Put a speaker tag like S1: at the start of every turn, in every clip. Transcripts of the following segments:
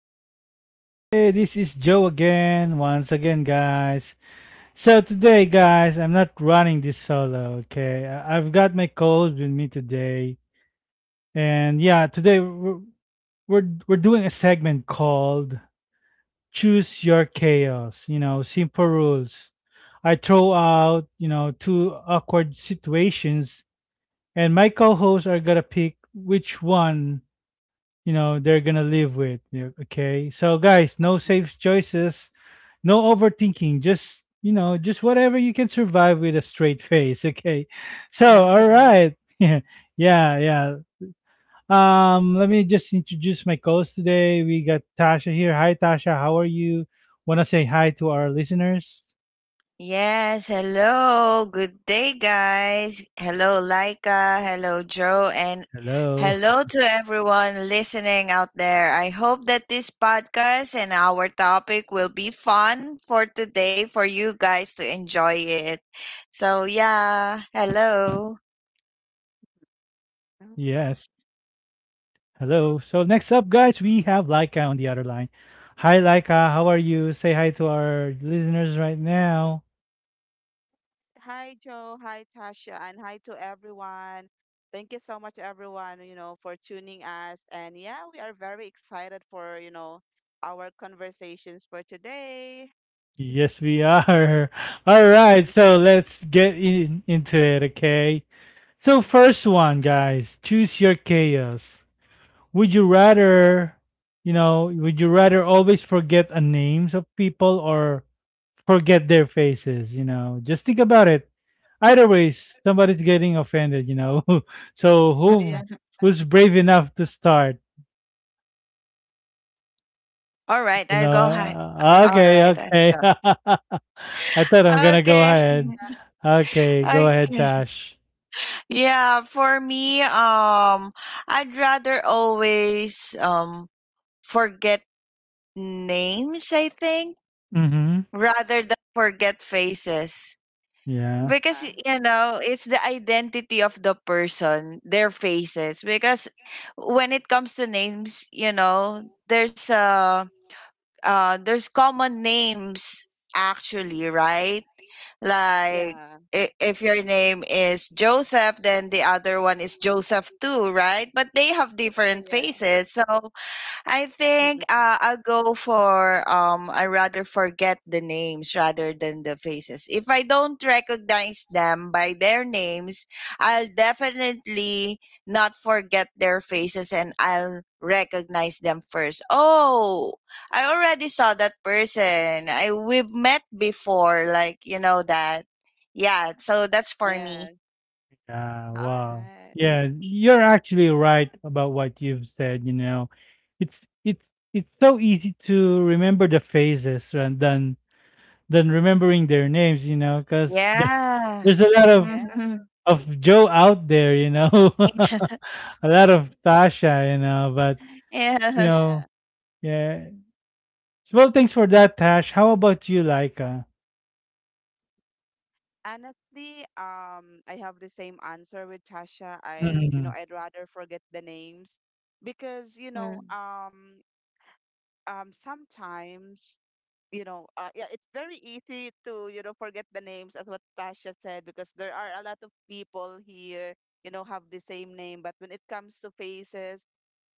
S1: everybody? This is Joe again, once again, guys. So, today, guys, I'm not running this solo, okay? I've got my co host with me today. And yeah, today we're doing a segment called Choose Your Chaos, you know, simple rules. I throw out, you know, two awkward situations, and my co hosts are gonna pick which one, you know, they're gonna live with. Yeah, okay. So, guys, no safe choices, no overthinking, just, you know, just whatever you can survive with a straight face. Okay, so, all
S2: Okay.
S1: right. Yeah, yeah, yeah. Let me just introduce my co-host today. We got Tasha here. Hi, Tasha. How are you? Want to say hi to our listeners?
S2: Yes. Hello. Good day, guys. Hello, Laika. Hello, Joe. And
S1: Hello.
S2: hello to everyone listening out there. I hope that this podcast and our topic will be fun for today for you guys to enjoy it. So, yeah. Hello.
S1: Yes.
S3: Oh,
S1: Hello. So next up, guys, we have Laika on the other line. Hi, Laika. How are you? Say hi to our listeners right now.
S3: Hi, Joe. Hi, Tasha. And hi to everyone. Thank you so much, everyone, for tuning us. And yeah, we are very excited for, our conversations for today.
S1: Yes, we are. All right.
S3: Mhm.
S1: So let's into it, okay? So first one, guys, choose your chaos. Would you rather, would you rather always forget the names of people or forget their faces? You know, just think about it. Either ways, somebody's getting offended, you know. So
S3: Yeah.
S1: who who's brave enough to start?
S2: All right.
S1: You
S2: I'll
S1: know,
S2: go. All
S1: okay,
S2: right. I'll
S1: okay.
S2: go.
S1: I thought I'm gonna go
S2: Okay.
S1: ahead. Okay, go ahead,
S2: Okay.
S1: Tash.
S2: Yeah, for me, I'd rather always forget names, I think,
S1: Mm-hmm.
S2: rather than forget faces.
S1: Yeah.
S2: Because you know, it's the identity of the person, their faces. Because when it comes to names, you know, there's a there's common names actually, right? Like
S3: Yeah.
S2: if your name is Joseph, then the other one is Joseph too, right? But they have different
S3: Yeah.
S2: faces. So I think
S3: Mm-mm.
S2: I'll go for I rather forget the names rather than the faces. If I don't recognize them by their names, I'll definitely not forget their faces and I'll recognize them first. Oh, I already saw that person. I We've met before like you know that. Yeah, so that's for
S3: Yeah.
S2: me.
S1: Yeah.
S3: All
S1: Wow.
S3: right.
S1: Yeah, you're actually right about what you've said. You know, it's it's it's so easy to remember the faces rather than remembering their names. You know, because
S2: Yeah.
S1: there's a lot of
S3: Yeah.
S1: of Joe out there, you know, a
S2: Yes.
S1: lot of Tasha, you know, but you
S2: Yeah.
S3: Yeah.
S1: know, yeah. Well, thanks for that, Tash. How about you, Laika?
S3: Honestly, I have the same answer with Tasha. You
S1: Mm-hmm.
S3: know, I'd rather forget the names because,
S2: Mm.
S3: sometimes you know, yeah, it's very easy to, you know, forget the names as what Tasha said because there are a lot of people here, you know, have the same name. But when it comes to faces,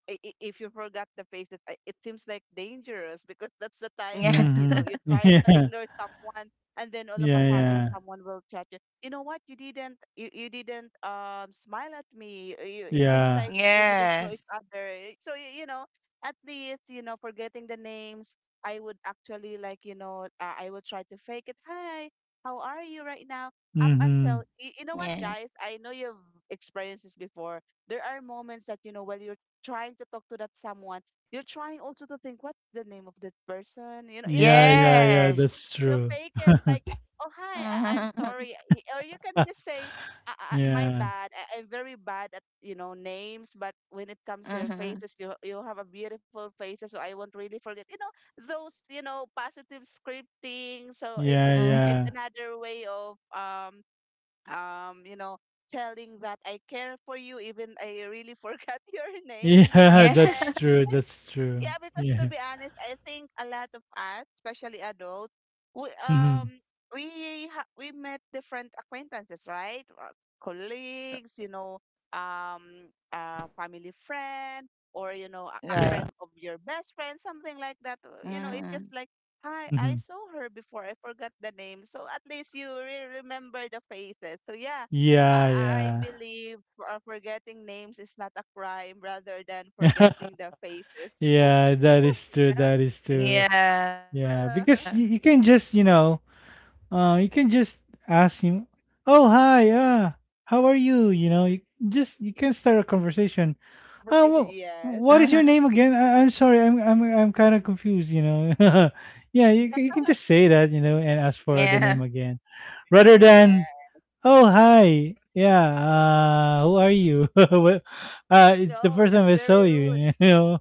S3: if you forgot the faces, it seems like dangerous because that's the time that
S2: Yeah.
S3: you know you
S1: Mm-hmm.
S3: try to ignore someone, and then all of a
S1: Yeah, yeah,
S3: sudden
S1: yeah,
S3: someone will chat you. You know what? You didn't. You didn't smile at me. You, it seems
S1: yeah.
S3: like we didn't know
S2: Yes.
S3: each other. Eh, so you know, at least you know forgetting the names. I would actually like you know I will try to fake it. Hi, how are you right now? Up
S1: Mm-hmm.
S3: until you know what,
S2: Yeah.
S3: guys, I know you've experienced this before, there are moments that you know while you're trying to talk to that someone, you're trying also to think what's the name of that person. You know,
S1: Yeah,
S3: you're
S1: yeah,
S3: trying
S1: yeah.
S2: Yes.
S1: That's
S3: to
S1: true.
S3: fake it like, oh hi, I'm
S2: Mhm.
S3: sorry, Y- or you can
S1: Yeah,
S3: just say, my
S1: yeah,
S3: bad. I'm very bad at you know names, but when it comes to your
S2: Mhm.
S3: faces, you have a beautiful faces, so I won't really forget. You know those you know positive scripting. So
S2: Mhm.
S3: it's
S1: yeah,
S3: another way of you know, telling that I care for you, even I really forgot your names.
S1: yeah.
S2: Yeah.
S1: That's true. That's true.
S3: Yeah, because to
S1: Yeah.
S3: be honest, I think a lot of us, especially adults, we
S1: Mm-hmm.
S3: um we met different acquaintances, right?
S1: Yeah,
S3: Colleagues, you know,
S1: that's true.
S3: a
S1: Yeah.
S3: family friend, or you know, a
S2: Right.
S3: friend of your best friend, something like that. You know, it's just
S2: Mhm.
S3: like,
S1: Mm-hmm.
S3: hi, I saw her before. I forgot the name, so at least you remember the faces. So yeah. I
S1: Yeah,
S3: believe forgetting names is not a crime rather than
S1: yeah.
S3: forgetting the faces.
S1: Yeah, that is true. That is true.
S2: Yeah.
S1: Yeah,
S3: Yeah.
S1: because you can just, you know, you can just ask him, "Oh, hi. How are you?" You know, you just you can start a conversation.
S3: But
S1: Oh,
S2: Mhm.
S1: well,
S3: yes.
S1: what is your name again? I, I'm sorry. I'm kind of confused, you know. Yeah, you can just say that, you know,
S2: Yeah.
S1: and ask for the name again rather
S3: Yeah.
S1: than, "Oh, hi. Yeah, who are you?" Well, it's the
S3: No,
S1: first time
S3: that's
S1: I saw
S3: very rude.
S1: you, you know.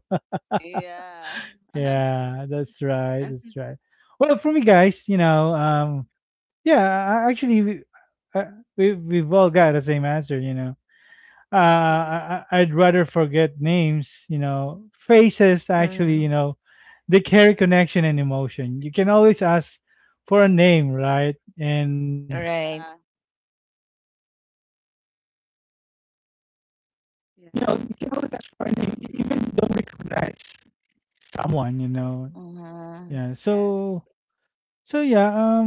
S3: Yeah.
S1: Yeah, that's right. That's right. Well, for me, guys, you know, yeah, actually, uh, we've all got the same answer. You know,
S3: Mm-mm.
S1: I'd rather forget names. You know, faces. Actually,
S2: Mhm.
S1: you know, they carry connection and emotion. You can always ask for a name, right? And
S2: Right.
S3: Yeah.
S1: you know, you can always ask for a name, even don't recognize
S3: Yeah.
S1: someone. You know, yeah. So yeah,
S2: Mhm.
S1: um,
S3: Yes,
S1: that's pretty it because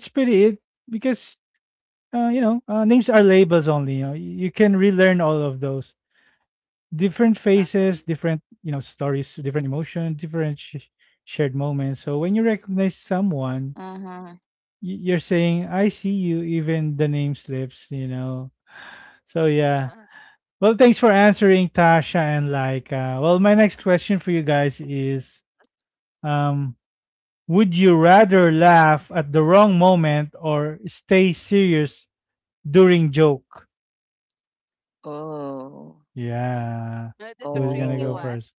S1: you know, names are labels only. You know, you can relearn all of those different faces, different you
S3: exactly.
S1: know stories, different emotion, different shared moments. So when you recognize someone,
S2: Mhm.
S1: you're saying, "I see you," even the name slips. You know, so yeah. Well, thanks for answering, Tasha and Laika. Well, my next question for you guys is, um, would you rather laugh at the wrong moment or stay serious during joke?
S2: Oh.
S3: Oh.
S1: Yeah.
S3: No, that's a
S1: Who's gonna
S3: tricky
S1: go
S3: one.
S2: Oh.
S1: first?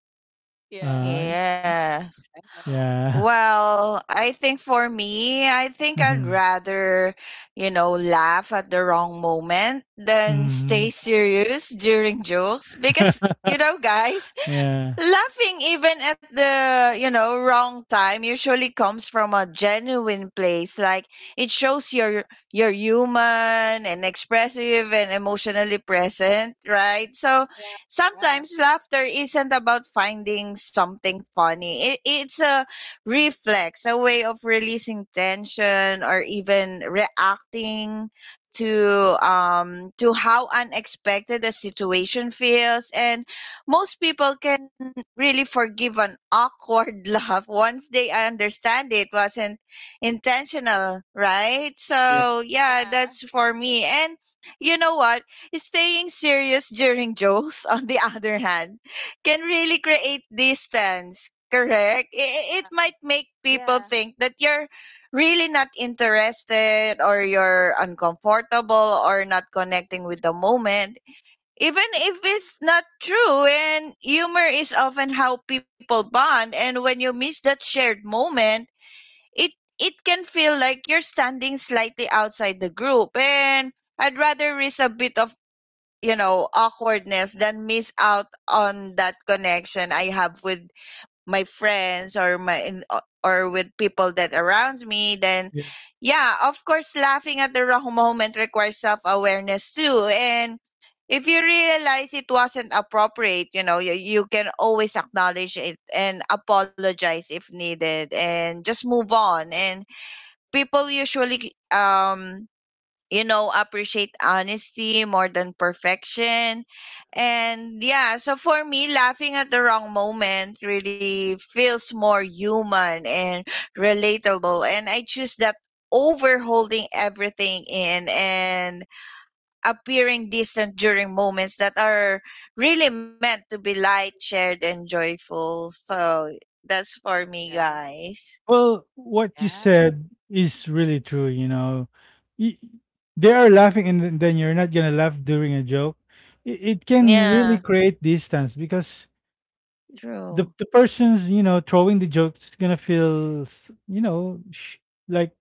S1: Uh,
S3: Yeah.
S2: Yeah.
S3: Yes.
S1: yeah.
S2: Well, I think for me, I think I'd
S1: Mhm.
S2: rather, you know, laugh at the wrong moment than stay
S1: Mhm.
S2: serious during jokes because, you know, guys,
S1: Yeah.
S2: laughing even at the, you know, wrong time usually comes from a genuine place. Like it shows you're human and expressive and emotionally present, right? So
S3: Yeah. Yeah.
S2: sometimes laughter isn't about finding something funny. It's a reflex, a way of releasing tension or even reacting to how unexpected the situation feels, and most people can really forgive an awkward laugh once they understand it wasn't intentional, right?
S1: Yeah,
S2: So, yeah,
S3: Yeah.
S2: that's for me. And you know what? Staying serious during jokes, on the other hand, can really create distance, correct? It might make people
S3: Yeah.
S2: think that you're really not interested or you're uncomfortable or not connecting with the moment, even
S3: Mm,
S2: if it's not true. And humor is often how people bond, and when you miss that shared moment, it can feel like you're standing slightly outside the group. And I'd rather risk a bit of, you know, awkwardness than miss out on that connection I have with my friends or my or with people that around me. Then
S1: yeah.
S2: yeah, of course, laughing at the wrong moment requires self-awareness too. And if you realize it wasn't appropriate, you know, you can always acknowledge it and apologize if needed and just move on. And people usually you know, appreciate honesty more than perfection. And yeah, so for me, laughing at the wrong moment really feels more human and relatable. And I choose that over
S3: yes.
S2: holding everything in and appearing distant during moments that are really meant to be light, shared, and joyful. So that's for me,
S3: Yeah.
S2: guys.
S1: Well, what you
S3: Yeah.
S1: said is really true, you know. Y they are laughing and then you're not gonna laugh during a joke. It can really
S2: Yeah,
S1: create distance because the
S2: true.
S1: the person's, you know, throwing the jokes is gonna feel, s- you know, sh like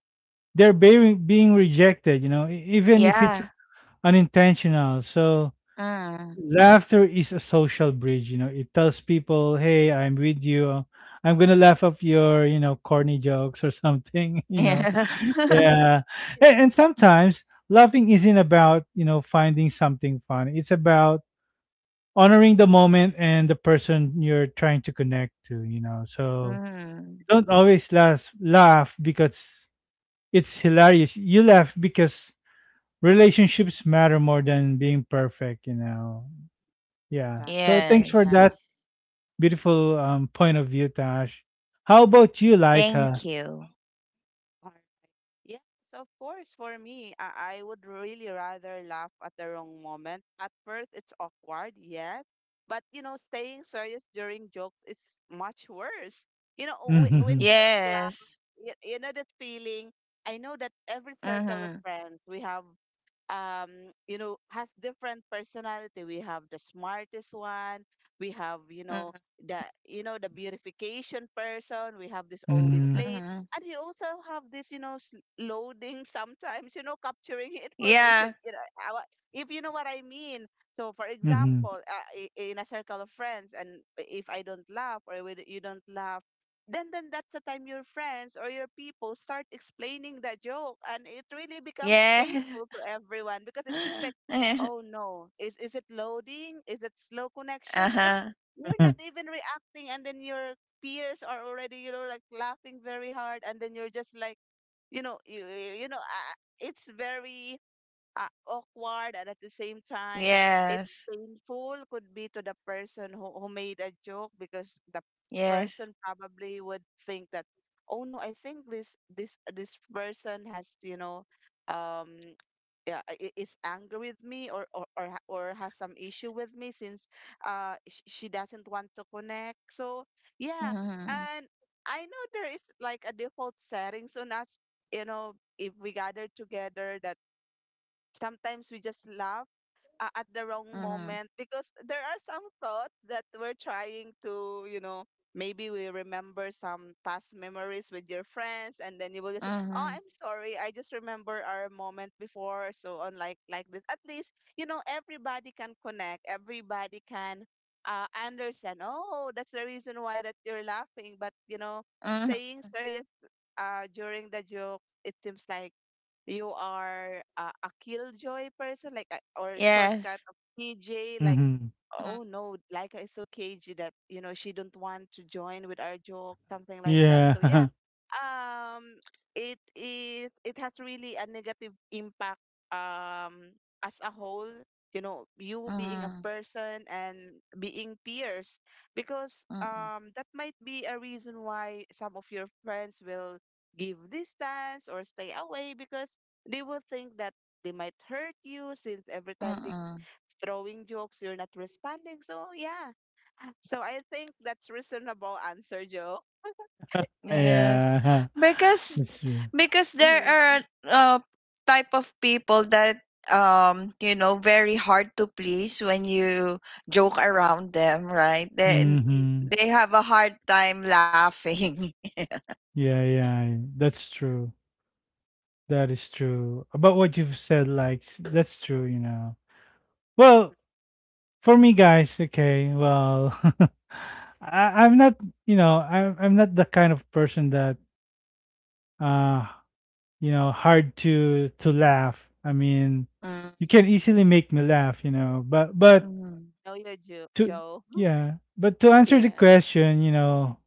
S1: they're being rejected, you know, even if it's
S2: Yeah.
S1: unintentional. So
S2: Mm.
S1: laughter is a social bridge, you know. It tells people, "Hey, I'm with you. I'm gonna laugh off your, you know, corny jokes or something." You know,
S2: Yeah.
S1: yeah.
S3: Yeah.
S1: And sometimes laughing isn't about, you know, finding something fun. It's about honoring the moment and the person you're trying to connect to. You know, so
S2: Mhm.
S1: don't always laugh because it's hilarious. You laugh because relationships matter more than being perfect. You know. Yeah. So
S3: Exactly.
S1: thanks for
S3: Yeah.
S2: Yes.
S1: that. Beautiful point of view, Tash. How about you,
S2: Thank
S1: Laika?
S2: you.
S3: All right. Yes, of course. For me, I would really rather laugh at the wrong moment. At first, it's awkward, yes. But, you know, staying serious during jokes is much worse. You know, w- when
S1: Mm-hmm.
S3: you don't laugh,
S2: Yes.
S3: you know that feeling. I know that every circle of
S2: Mhm.
S3: friends, we have you know has different personality, we have the smartest one, we have
S2: Mhm.
S3: the you know the beautification person, we have this always
S1: Mm-hmm.
S3: late,
S2: Mhm.
S3: and we also have this you know s- loading sometimes you know capturing information
S2: Yeah.
S3: you know uh, if you know what I mean. So for
S1: Mm-hmm.
S3: example in a circle of friends, and if I don't laugh or with- you don't laugh, then that's the time your friends or your people start explaining the joke, and it really becomes
S2: Yeah.
S3: painful to everyone because it seems like oh no, is it loading, is it slow connection, because
S2: Uh-huh.
S3: you're not even reacting, and then your peers are already you know like laughing very hard, and then you're just like you know you you know it's very awkward, and at the same time it's
S2: Yes.
S3: painful could be to the person who made a joke, because the person
S2: Yes.
S3: probably would think that oh no, I think this person has you know um yeah, is angry with me, or or has some issue with me since she doesn't want to connect, so yeah.
S2: Mhm.
S3: And I know there is like a default settings on us, you know, if we gather together that sometimes we just laugh at the wrong moment,
S2: Mhm.
S3: because there are some thoughts that we're trying to, you know, maybe we remember some past memories with your friends, and then you will just say, "Oh,
S2: Mhm.
S3: I'm sorry. I just remember our moment before." So on like this. At least, you know, everybody can connect. Everybody can understand. Oh, that's the reason why that you're laughing, but you know,
S2: Mhm.
S3: saying serious during the joke, it seems like you are a killjoy person, like a, or a shortcut of
S2: Yes.
S3: PJ, like
S1: Mm-hmm.
S3: oh
S2: Mhm.
S3: no, like is so cagey that you know she don't want to join with our joke, something like that. So yeah,
S1: Yeah.
S3: um it is, it has really a negative impact, um as a whole, you know, you being a person and being peers, because
S2: Mhm.
S3: that might be a reason why some of your friends will give distance or stay away, because they will think that they might hurt you since every time they
S2: Mhm.
S3: throwing jokes, you're not responding. So yeah. So I think that's reasonable answer, Joe. Yeah.
S2: Yes.
S1: Yeah.
S2: Because
S1: That's true.
S2: there
S3: Mm-hmm.
S2: are uh type of people that you know, very hard to please when you joke around them, right? They
S3: Mm-mm.
S1: Mm-hmm.
S2: they have a hard time laughing.
S1: Yeah, yeah. Yeah, that's true. That is true. About what you've said, like that's true, you know. Well, for me guys, okay, well I, I'm not I'm not the kind of person that uh hard to laugh. I mean,
S2: Mm.
S1: you can easily make me laugh, you know.
S2: Mm.
S3: No, you're Joe.
S1: To
S3: Joe.
S1: yeah, but to answer the
S3: Yeah.
S1: question, you know,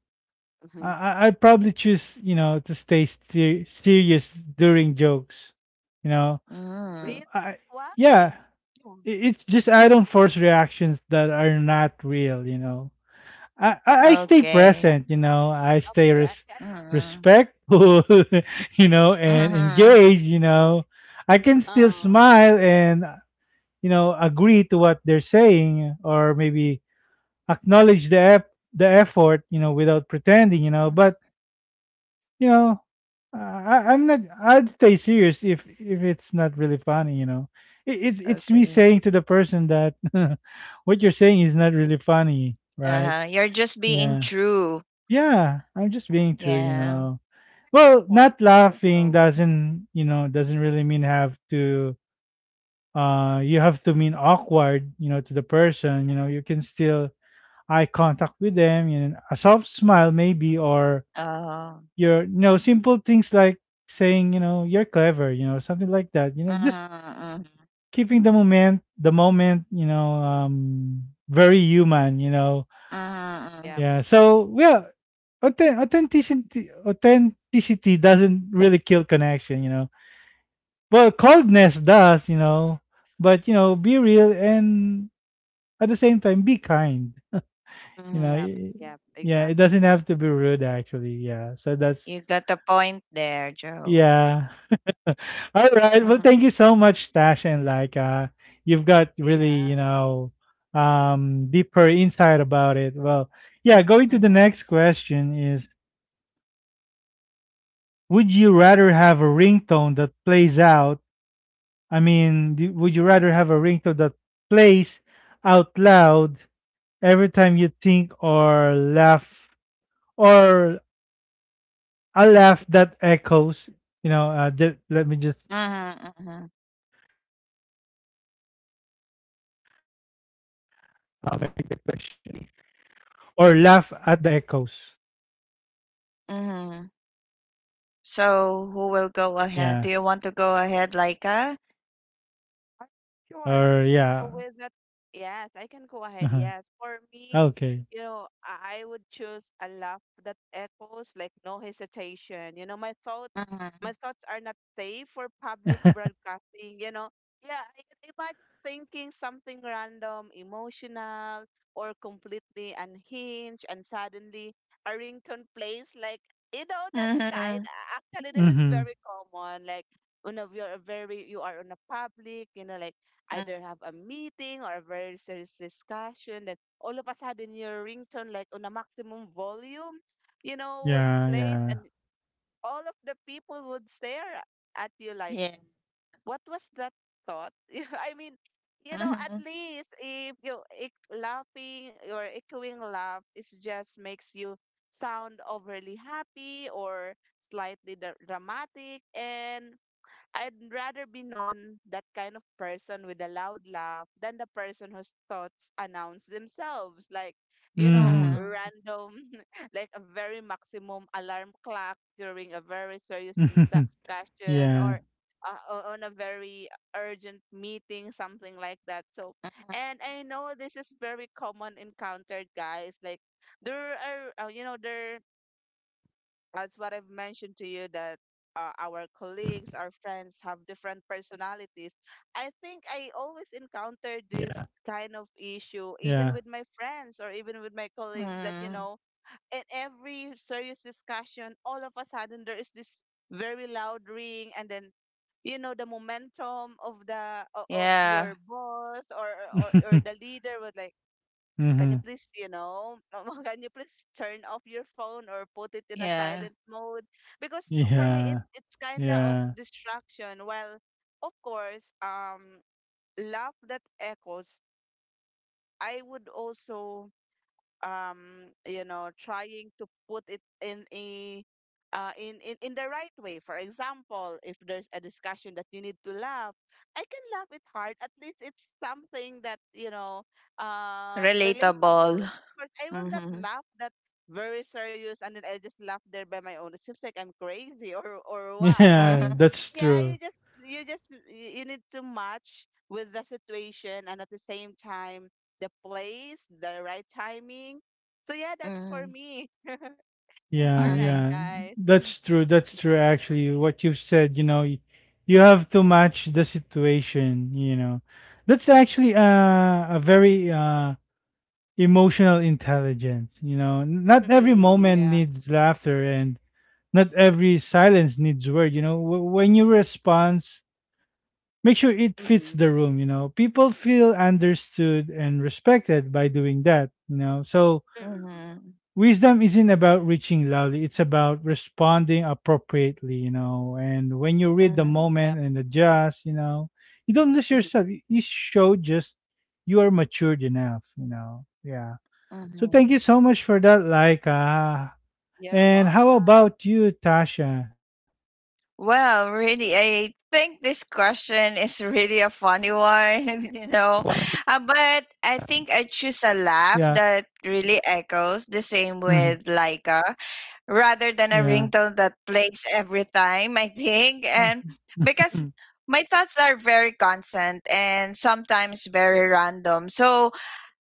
S1: I
S3: Mhm.
S1: I'd probably choose you know to stay serious during jokes, you know.
S3: Really?
S2: Mm.
S1: I
S3: Why?
S1: yeah,
S3: Oh,
S1: I- it's just I don't force reactions that are not real, you know. I stay
S3: yeah.
S2: Okay.
S1: present, you
S3: That's
S1: know. I stay
S3: okay, I get it.
S2: Mm.
S1: respectful, you know, and
S2: Mm-hmm.
S1: engaged, you know. I can still
S3: Oh,
S1: smile and you know agree to what they're saying, or maybe acknowledge the effort, you know, without pretending, you know. But you know, I, I'm not. I'd stay serious if it's not really funny, you know. It's me
S2: Okay.
S1: saying to the person that what you're saying is not really funny, right?
S2: Uh-huh. You're just being
S1: Yeah.
S2: true.
S1: Yeah, I'm just being true, you
S2: Yeah.
S1: know.
S3: that's a good
S1: Well,
S3: point,
S1: not laughing
S3: Joe.
S1: doesn't, you know, doesn't really mean have to you have to mean awkward, you know, to the person,
S3: Yeah,
S1: you know, you can still eye contact with them, you know, a soft smile maybe or
S2: Uh,
S1: your you know, simple things like saying, you know, you're clever, you know, something like that. You know, just
S2: mm-hmm, mm-hmm,
S1: keeping the moment, you know, very human, you know.
S2: mm-hmm,
S3: yeah,
S2: mm-hmm,
S1: Yeah. So yeah, authenticity doesn't really kill connection, you know. Well, coldness does, you know. But you know, be real and at the same time be kind. You know.
S3: yeah,
S2: mm-hmm.
S3: yeah,
S1: Yeah, it doesn't
S3: exactly.
S1: have to be rude actually. Yeah. So that's
S2: You got a point there, Joe.
S1: yeah. All right. Well,
S2: Mhm,
S1: thank you so much, Tash and Laika. You've got really,
S3: Yeah.
S1: you know, deeper insight about it. Well, yeah, going to the
S2: mhm,
S1: next question is would you rather have a ringtone that plays out? I mean, would you rather have a ringtone that plays out loud every time you think or laugh, or a laugh that echoes? You know, let me just
S2: mhm, mhm,
S1: plays out loud every time you think, or laugh at the echoes.
S2: mhm. So, who will go ahead?
S1: Yeah,
S2: Do you want to go ahead, Laika?
S3: Alright, sure.
S1: or yeah.
S3: So with that, yes, I can go ahead.
S1: Uh-huh.
S3: Yes, for me,
S1: Okay.
S3: you know, I would choose a laugh that echoes, like no hesitation. You know,
S2: Mhm,
S3: my thoughts are not safe for public broadcasting. You know, yeah, I can imagine thinking something random, emotional, or completely unhinged, and suddenly a ringtone plays like, you know, that kind.
S2: mhm,
S3: Actually, this is
S1: Hmm.
S3: very common. Like on a we are very you are on a public, you know, like
S2: mm,
S3: either have a meeting or a very serious discussion, then all of a sudden your ringtone like on a maximum volume, you know, would
S1: Yeah,
S3: play,
S1: yeah.
S3: and all of the people would stare at you like,
S2: yeah.
S3: what was that thought? Yeah, I mean, you know, at
S2: Mhm,
S3: least if you ec- laughing or echoing laugh, it just makes you sound overly happy or slightly dramatic, and I'd rather be known that kind of person with a loud laugh than the person whose thoughts announce themselves, like, you know,
S1: Hmm.
S2: mhm,
S3: random, like a very maximum alarm clock during a very serious discussion,
S1: Yeah,
S3: or on a very urgent meeting, something like that. So, and I know this is very common encountered, guys. Like, there are, you know, there as what I've mentioned to you that our colleagues, our friends have different
S1: yeah,
S3: personalities. I think I always
S1: yeah.
S3: encounter this kind of issue, even with my friends or even with my colleagues, that, you
S2: mhm.
S3: know, in every serious discussion, all of a sudden there is this very loud ring, and then you know the momentum of the of your
S2: Yeah.
S3: boss or
S1: Mhm.
S3: or, or the leader was like, can you please, you know, can you please turn off your phone or put it in a
S2: Yeah.
S1: Yeah.
S3: silent mode? Because
S1: Yeah.
S3: for me, it's kind of distraction. Well, of course, love that echoes. I would also you know trying to put it in a in the right way, for example, if there's a discussion that you need to laugh, I can laugh it hard, at least it's something that you know
S2: Relatable.
S3: relatable. Of course I will not
S2: Mhm,
S3: laugh that very serious, and then I just laugh there by my own, it seems like I'm crazy or what I mean.
S1: Yeah,
S2: mhm,
S1: that's
S3: Yeah,
S1: true.
S3: you just you need to match with the situation, and at the same time the place, the right timing. So yeah, that's for
S2: mhm,
S3: me. All
S1: Yeah,
S3: right,
S2: mhm,
S1: yeah.
S3: guys.
S1: That's true. That's true actually. What you've said, you know, you have to match the situation, you know. That's actually a very emotional intelligence, you know. Not every
S3: Mm-mm,
S1: moment
S3: yeah.
S1: needs laughter and not every silence needs word, you know. When you respond, make sure it
S3: Mm-hmm.
S1: fits the room. You know, people feel understood and respected by doing that. You know, so
S3: Mm-mm,
S2: mhm,
S1: wisdom isn't about reaching loudly. It's about responding appropriately. You know, and when you
S3: mm-mm.
S1: read the
S2: mhm,
S3: Yep.
S1: moment and adjust, you know, you don't lose
S3: Mm-hmm.
S1: yourself. You show just you are matured enough, you know. Yeah. So thank you
S2: mhm.
S1: so much for that, Laika.
S3: You're
S1: And how
S3: welcome.
S1: about you, Tasha?
S2: Well, really, I think this question is really a funny one, you know. But I think I
S1: Yeah.
S2: choose a laugh that really echoes, the same
S1: Hmm.
S2: with Laika, rather than a
S1: Yeah.
S2: ringtone that plays every time, I think. And
S1: Yeah,
S3: Mhm.
S2: because my thoughts are very constant and sometimes very random. So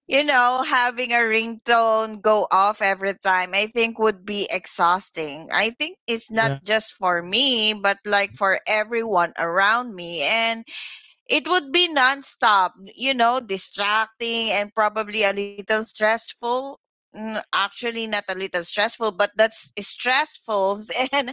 S2: you know, having a ringtone go off every time, I think would be exhausting. I think it's not
S1: yeah,
S2: just for me, but like for everyone around me. And it would be nonstop, you know, distracting and probably a little stressful. Mm, actually, not a little stressful, but that's stressful. And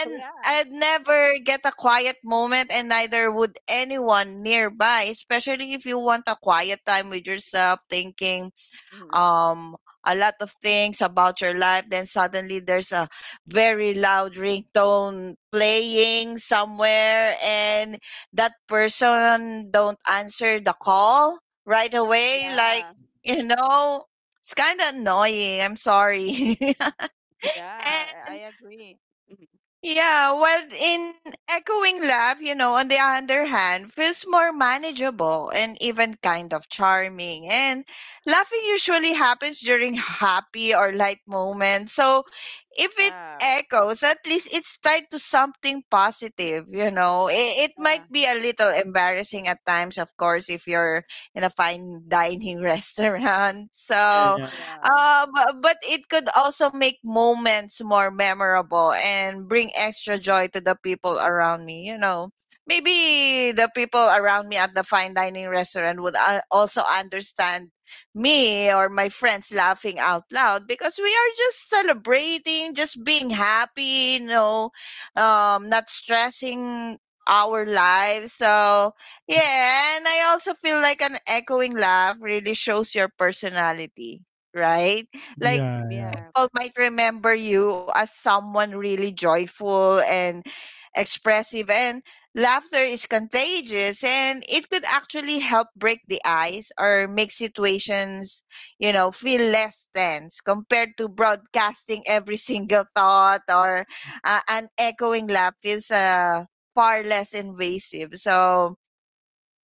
S3: So yeah.
S2: I'd never get a quiet moment, and neither would anyone nearby. Especially if you want a quiet time with yourself, thinking
S3: Mm-hmm.
S2: um a lot of things about your life, then suddenly there's a very loud ringtone playing somewhere, and that person don't answer the call right away, like,
S3: Yeah.
S2: you know, it's kind of annoying, I'm sorry.
S3: Yeah. I
S2: And
S3: agree. Mm-hmm.
S2: yeah, well, in echoing laugh, you know, on the other hand, feels more manageable and even kind of charming. And laughing usually happens during happy or light moments. So if it
S3: Yeah.
S2: echoes, at least it's tied to something positive, you know. It might
S3: Yeah.
S2: be a little embarrassing at times, of course, if you're in a fine dining restaurant. So
S1: yeah,
S3: Yeah.
S2: but it could also make moments more memorable and bring extra
S3: Mm-hmm.
S2: joy to the people around me. You know, maybe the people around me at the fine dining restaurant would also understand me or my friends laughing out loud because we are just celebrating, just being happy. You know, not stressing our lives. So yeah, and I also feel like an echoing laugh really shows your personality, right? Like
S1: yeah.
S3: Yeah.
S2: people might remember you as someone really joyful and expressive. And laughter is contagious, and it could actually help break the ice or make situations, you know, feel less tense compared to broadcasting every single thought. Or an echoing laugh is far less invasive. So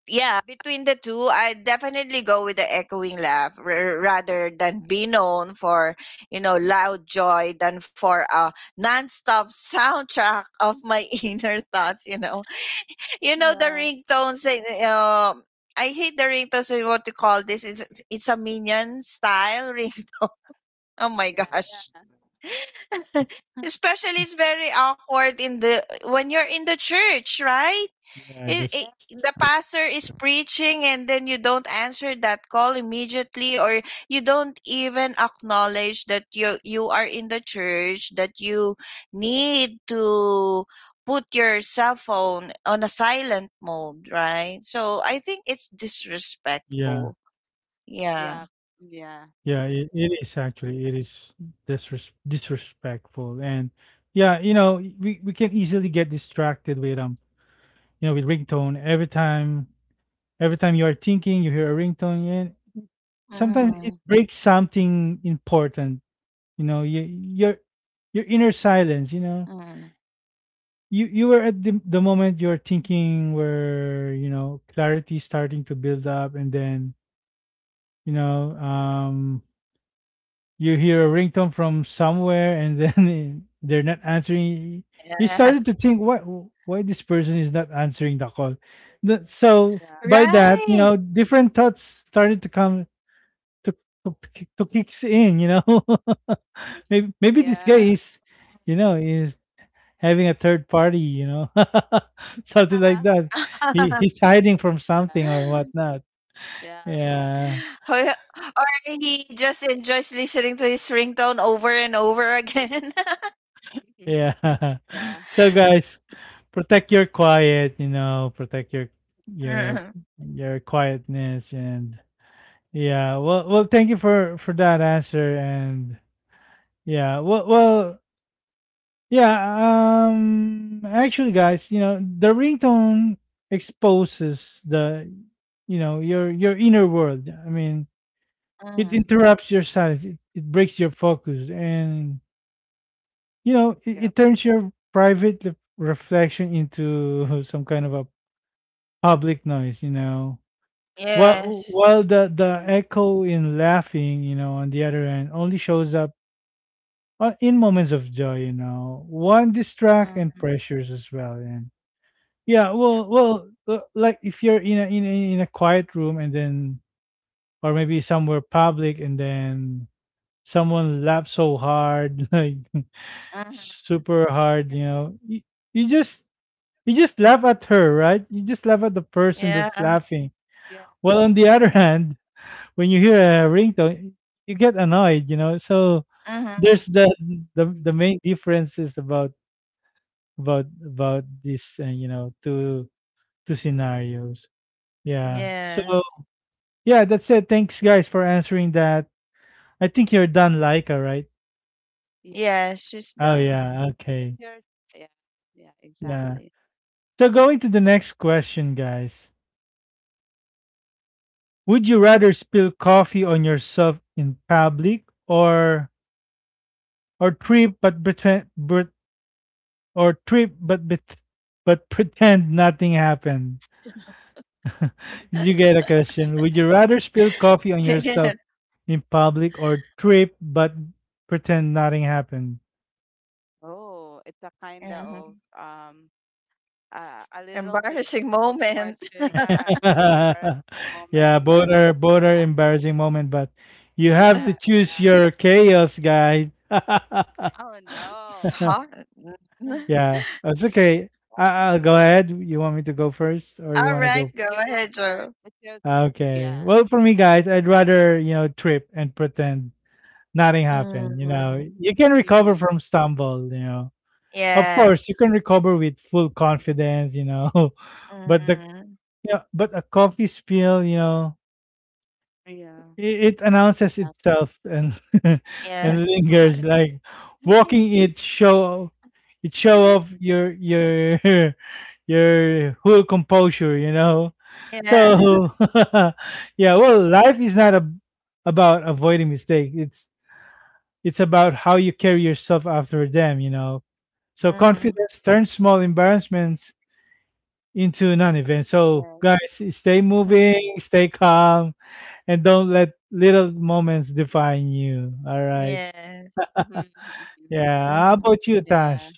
S2: yeah, between the two, I definitely go with the echoing laugh rather than be known for, you know, loud joy than for a nonstop soundtrack of my inner thoughts, you know. You know, the
S3: Ah,
S2: ringtone saying, I hate the ringtones, eh, what you call this. It's a minion style ringtone. Oh my
S1: Yeah,
S2: gosh.
S3: yeah.
S2: Especially it's very awkward in the when you're in the church, right?
S1: yeah,
S3: Yeah.
S1: that's
S2: The pastor is preaching and then you don't answer that call immediately, or you don't even acknowledge that you are in the church, that you need to put your cell phone on a silent mode, right? So I think
S1: yeah,
S2: it's disrespectful.
S1: yeah.
S3: Yeah. Yeah.
S2: Yeah.
S1: It
S3: Mm.
S1: is
S3: Yeah. Yeah.
S1: actually it is disrespectful, and yeah, you know, we can easily get distracted with ringtone. Every time you are thinking, you hear a ringtone, and sometimes it
S2: Mm-hmm.
S1: breaks something important. You know, your
S2: Mm-hmm.
S1: inner silence. You know, you were at the moment you're thinking where you know clarity starting to build up, and then you know, you hear a ringtone from somewhere and then they're not
S2: Yeah.
S1: answering. You started to think, what, why this person is not answering the call? So
S2: Right.
S1: by that, you know, different thoughts started to come to to kicks in. You know, maybe this
S3: Yeah.
S1: guy
S3: Yeah.
S1: is having a third party. You know, something like that. He's hiding from something or whatnot.
S3: Yeah. Yeah.
S2: Or
S1: Yeah.
S2: or he just enjoys listening to his ringtone over and over again.
S1: Yeah.
S3: Yeah.
S1: So guys, protect your quiet, you know, protect your
S2: Mm-hmm.
S1: your your quietness and yeah, well thank you for that answer and yeah, well yeah, actually guys, you know, the ringtone exposes the you know, your inner world. I mean, it
S2: Mm-hmm.
S1: interrupts your silence, it breaks your focus and you know,
S3: Yeah.
S1: it,
S3: Yeah.
S1: it turns your private reflection into some kind of a public noise, you know. while
S2: Yes.
S1: while the echo in laughing, you know, on the other end only shows up in moments of joy, you know, one distract and
S2: Mm-hmm.
S1: pressures as well. And
S3: Yeah.
S1: like if you're in a quiet room and then, or maybe somewhere public and then someone laughs so hard, like
S2: Mm-hmm.
S1: super hard, you know, you just you just laugh at her, right? You just laugh at the person that's
S2: Yeah.
S1: laughing.
S3: Yeah.
S1: Well, on the other
S2: Yeah.
S1: hand, when you hear a ringtone, you get annoyed, you know. So
S2: Mm-hmm.
S1: there's the main differences about this, you know, two scenarios.
S3: Yeah.
S1: Yeah. So,
S2: Yes.
S1: yeah, that's it. Thanks, guys, for answering that. I think you're done, Laika, right?
S3: Yeah,
S2: Yes, she's
S1: Oh,
S2: done.
S1: yeah.
S3: it's
S1: Okay.
S3: your yeah, yeah,
S1: Yeah.
S3: exactly.
S1: So, going to the next question, guys. Would you rather spill coffee on yourself in public or trip but pretend but, or trip but bet- but pretend nothing happened? Did you get a question? Would you rather spill coffee on
S2: Yes.
S1: yourself in public or trip but pretend nothing happened?
S3: Oh, it's a kind of
S2: Hmm.
S3: a little bit
S2: Embarrassing
S3: difficult
S2: moment.
S3: question, yeah, and an embarrassing moment,
S1: Yeah, both
S3: but
S1: are
S3: ah,
S1: embarrassing moment, but you have to choose
S3: yeah.
S1: your chaos, guys.
S3: Oh no,
S2: Sorry.
S1: Yeah, that's okay. I'll go ahead. You want me to go first, or you
S2: All
S1: want to
S2: right,
S1: go?
S2: go
S3: you go
S2: ahead,
S3: first.
S2: Joe.
S3: It's your
S1: Okay.
S3: yeah.
S1: Well, for me, guys, I'd rather, you know, trip and pretend nothing happened. You know,
S2: Mm-hmm.
S1: you can recover
S3: Mm-hmm.
S1: from stumble. You know, of course, you
S2: Yes.
S1: can recover with full confidence. You know, but the
S2: Mm-hmm.
S1: but a coffee spill. You know,
S3: Yeah,
S1: it announces
S3: exactly.
S1: itself, and and
S2: Yes.
S1: lingers like walking. It show off your your whole composure, you know.
S2: Yeah. Yes.
S1: So, life is not about avoiding mistakes. It's about how you carry yourself after them, you know. So
S2: Mhm,
S1: confidence turns small embarrassments into non-events. So,
S3: Yeah.
S1: guys, stay
S2: mm.
S1: moving, stay calm, and don't let little moments define you. All right.
S2: Yes.
S3: Mm-hmm. mm-hmm,
S1: Yeah. How
S2: Mhm.
S1: about you,
S3: yeah.
S1: Tash?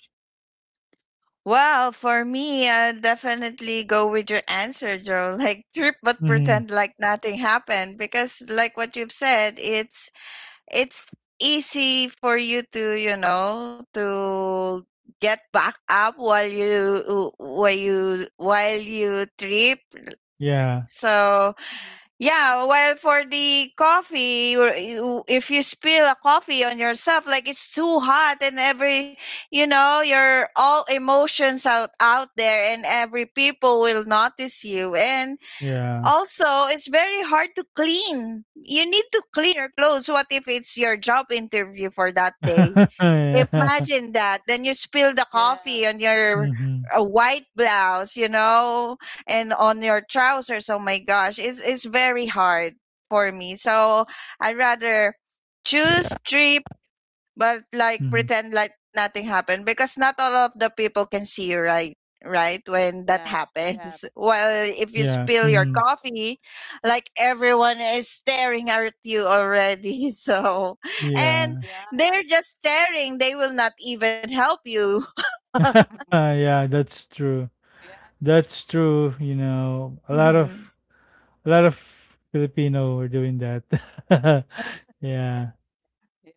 S2: Well, for me, I definitely go with your answer, Joe. Like trip but
S1: Mm-hmm.
S2: pretend like nothing happened, because like what you've said, it's easy for you to, you know, to get back up while you trip.
S1: Yeah.
S2: So
S3: Mhm.
S2: yeah, well, for the coffee, or if you spill a coffee on yourself, like it's too hot, and every, you know, your all emotions out out there, and every people will notice you. And
S1: Yeah.
S2: also, it's very hard to clean. You need to clean your clothes. What if it's your job interview for that day?
S1: Yeah.
S2: Imagine that. Then you spill the
S3: Yeah.
S2: coffee on your
S1: Mm-hmm.
S2: white blouse, you know, and on your trousers. Oh my gosh, it's very hard for me. So I rather choose
S1: Mm-hmm.
S2: three but like pretend like nothing happened, because not all of the people can see you right when that
S3: Yeah. Yeah.
S2: happens. Well,
S1: Yeah.
S2: if you spill
S1: Mm-hmm.
S2: your coffee, like everyone is staring at you already. So and
S1: Yeah.
S3: Yeah.
S2: they're just staring, they will not even help you.
S3: Mhm.
S1: Yeah, that's true.
S3: Yeah.
S1: That's true. You know, a lot of
S2: Mm-hmm.
S1: a lot of Filipino are doing that. Yeah.
S3: Or, yeah.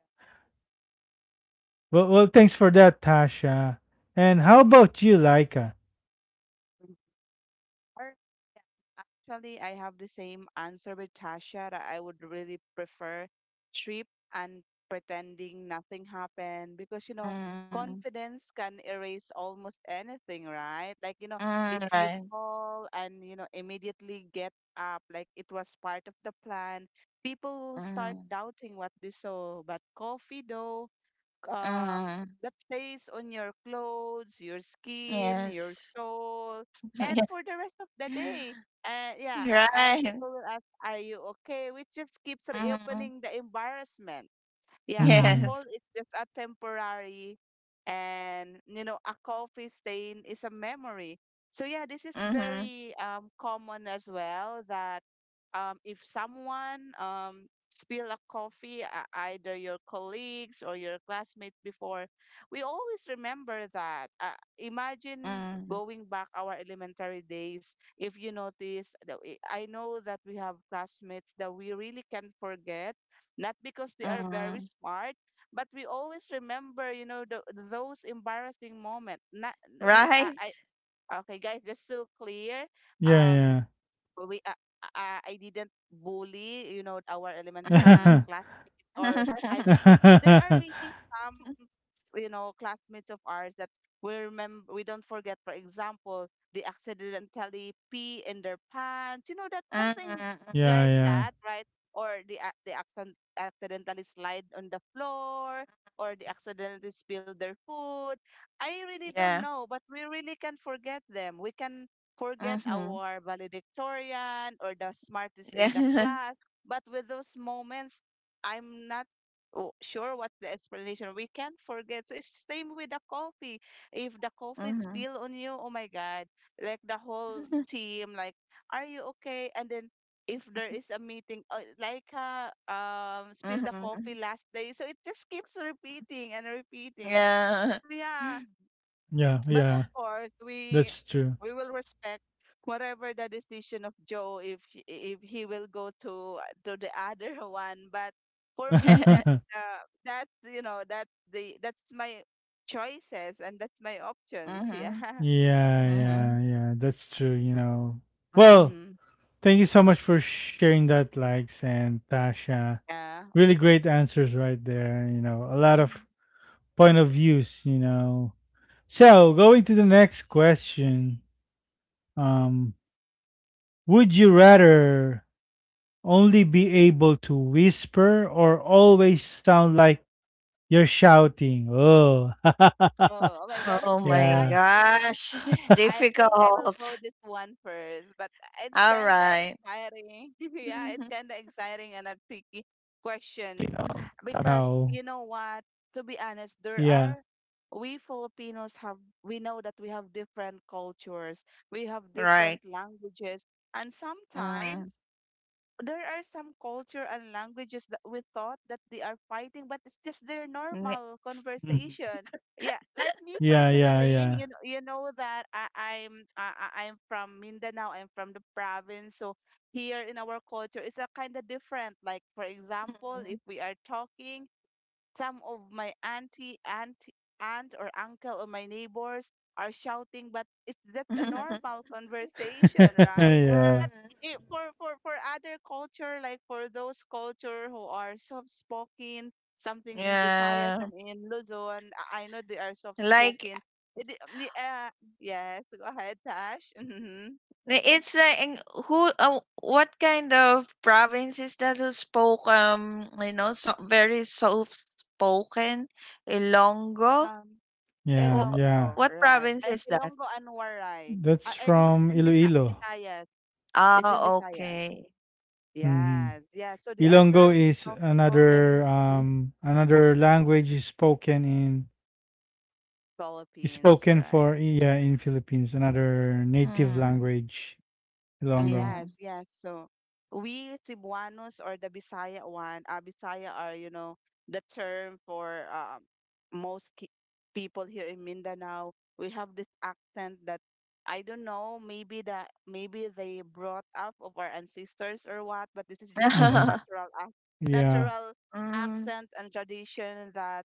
S1: Well, thanks for that, Tasha. And how about you, Laika?
S3: Mm-hmm. Or yeah, actually, I have the same answer with Tasha, that I would really prefer trip and pretending nothing happened, because you know
S2: Mm,
S3: confidence can erase almost anything, right? Like you know
S2: mm,
S3: if you
S2: right.
S3: fall and you know immediately get up like it was part of the plan, people will start
S2: Mm,
S3: doubting what they saw. But coffee though, um,
S2: mm,
S3: that stays on your clothes, your skin, your
S2: yes.
S3: soul, and for the rest of the
S2: Yeah.
S3: day. And yeah, and
S2: Right.
S3: people will ask, "Are you okay?" Which just keeps
S2: Mm,
S3: reopening the embarrassment. Yeah, a
S1: Mm-hmm.
S3: fall
S2: yes.
S3: is just a temporary, and you know, a coffee stain is a memory. So yeah, this is
S2: Mm-hmm.
S3: very common as well that if someone spill a coffee, either your colleagues or your classmate before, we always remember that. Imagine going back our elementary days. If you notice, I know that we have classmates that we really can't forget, not because they are very
S2: Mm,
S3: smart, but we always remember those embarrassing moment. Not we
S2: right?
S3: I okay guys, just so clear. Um
S1: Yeah,
S3: well, we I didn't bully, you know, our elementary
S2: Mhm.
S1: yeah.
S3: classmates or high school, but there are
S1: Yeah,
S3: really some, you know, classmates of ours that we remember, we don't forget. For example, they accidentally pee in their pants, you know, that something
S2: Mm,
S3: like
S1: yeah,
S3: that, right? Or they accidentally slide on the floor, or they accidentally spill their food. I really
S2: yeah.
S3: don't know, but we really can forget them. We can forget
S2: Mhm.
S3: our valedictorian or the smartest in the
S2: Yeah.
S3: class. But with those moments, I'm not sure what the explanation. We can't forget. So it's same with the coffee. If the coffee
S2: Mhm.
S3: spill on you, oh my God, like the whole team, like, are you okay? And then if there is a meeting, spill the
S2: Mhm.
S3: coffee last day. So it just keeps repeating and repeating.
S2: Yeah.
S3: Yeah,
S1: yeah,
S3: but of course,
S1: that's
S3: we
S1: true.
S3: we will respect whatever the decision of Joe if if he will go to the other one. But for me, that
S1: Yeah,
S3: that's that's my choices and that's my options.
S2: Mhm.
S3: Yeah.
S2: Mhm.
S1: yeah, that's true. You know. Well,
S3: Mhm.
S1: thank you so much for sharing that, likes and Tasha.
S3: Yeah.
S1: Really great answers right there. You know, a lot of point of views. You know. So going to the next question. Um, would you rather only be able to whisper or always sound like you're shouting? Oh,
S3: Oh, oh my God,
S2: Oh
S3: it's
S2: my
S1: yeah.
S3: exciting.
S2: gosh, it's
S3: I think I will go
S2: difficult.
S3: this one first, but it's
S2: All
S3: kind of
S2: right.
S1: Yeah,
S3: exciting. Yeah, it's
S1: I
S2: Mhm.
S3: kind
S1: feel
S3: of
S1: like you
S3: exciting
S1: both are
S3: and a
S1: going
S3: tricky
S1: to, you know,
S3: question
S1: somehow.
S3: because you know what? To be honest, there
S1: Yeah.
S3: are we Filipinos have we know that we have different cultures, we have different
S2: Right.
S3: languages, and sometimes
S2: Mm.
S3: there are some culture and languages that we thought that they are fighting, but it's just their
S2: Mm.
S3: normal
S1: Mhm.
S3: conversation. Yeah, like me
S1: Yeah,
S3: personally,
S1: yeah.
S3: you know that I'm from Mindanao. I'm from the province, so here in our culture, it's a kind of different. Like for example, if we are talking. Some of my auntie, aunt or uncle or my neighbors are shouting, but it's that's a normal conversation, right?
S2: Mm.
S1: Yeah,
S3: But for other culture, like for those culture who are soft-spoken, something in Visayas
S2: Yeah.
S3: and in Luzon, I know they are
S2: Like,
S3: soft-spoken. It, di- uh, yes, go ahead, Tash.
S2: It's like in who what kind of province is that who spoke you know, so very soft spoken? Ilongo?
S3: Um,
S2: Wh-
S1: yeah.
S3: Elongo,
S2: What
S3: right.
S2: province is that?
S3: Elongo and Waray.
S1: That's from
S3: It's in
S1: Iloilo.
S3: Visayas. It's
S2: Ah,
S3: in Visayas.
S2: okay.
S1: Hmm.
S3: Yes, yeah. So they are
S1: Ilonggo
S3: very
S1: is another
S3: soft-spoken in
S1: um another language is spoken in is
S3: Philippines,
S1: spoken
S3: right?
S1: for yeah in Philippines. Another native
S2: Mm.
S1: language, Ilonggo.
S2: Mm-hmm.
S3: Yes, yes. So we Cebuanos or the Bisaya one, Bisaya are, you know, the term for most ki people here in Mindanao. We have this accent that I don't know, maybe that maybe they brought up of our ancestors or what, but this is just our
S1: Hmm.
S3: natural ac
S1: Yeah.
S3: natural
S2: Mm,
S3: accent and tradition that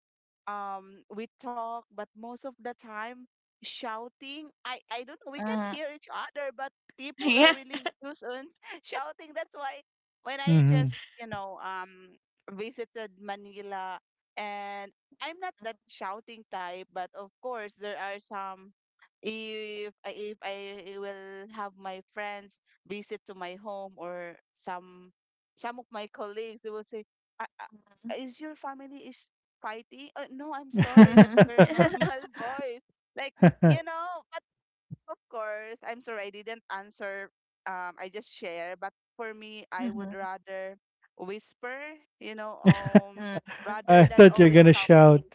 S3: we talk, but most of the time shouting. I don't know, we can
S2: mm.
S3: hear each other, but people are
S2: Yeah.
S3: really loose on shouting. That's why when I
S1: Hmm.
S3: just visited Manila and I'm not that shouting type, but of course there are some. If I will have my friends visit to my home, or some of my colleagues, they will say, "Ah, ah, is your family is fighting. No, I'm sorry. That's
S2: Mm-hmm.
S3: your normal voice." Like, you know, but of course, I'm sorry. I didn't answer. I just share. But for me, I would
S2: Mm-hmm.
S3: rather whisper, you know, rather
S1: I
S3: than
S1: thought you're
S3: always
S1: gonna shout.
S3: shouting.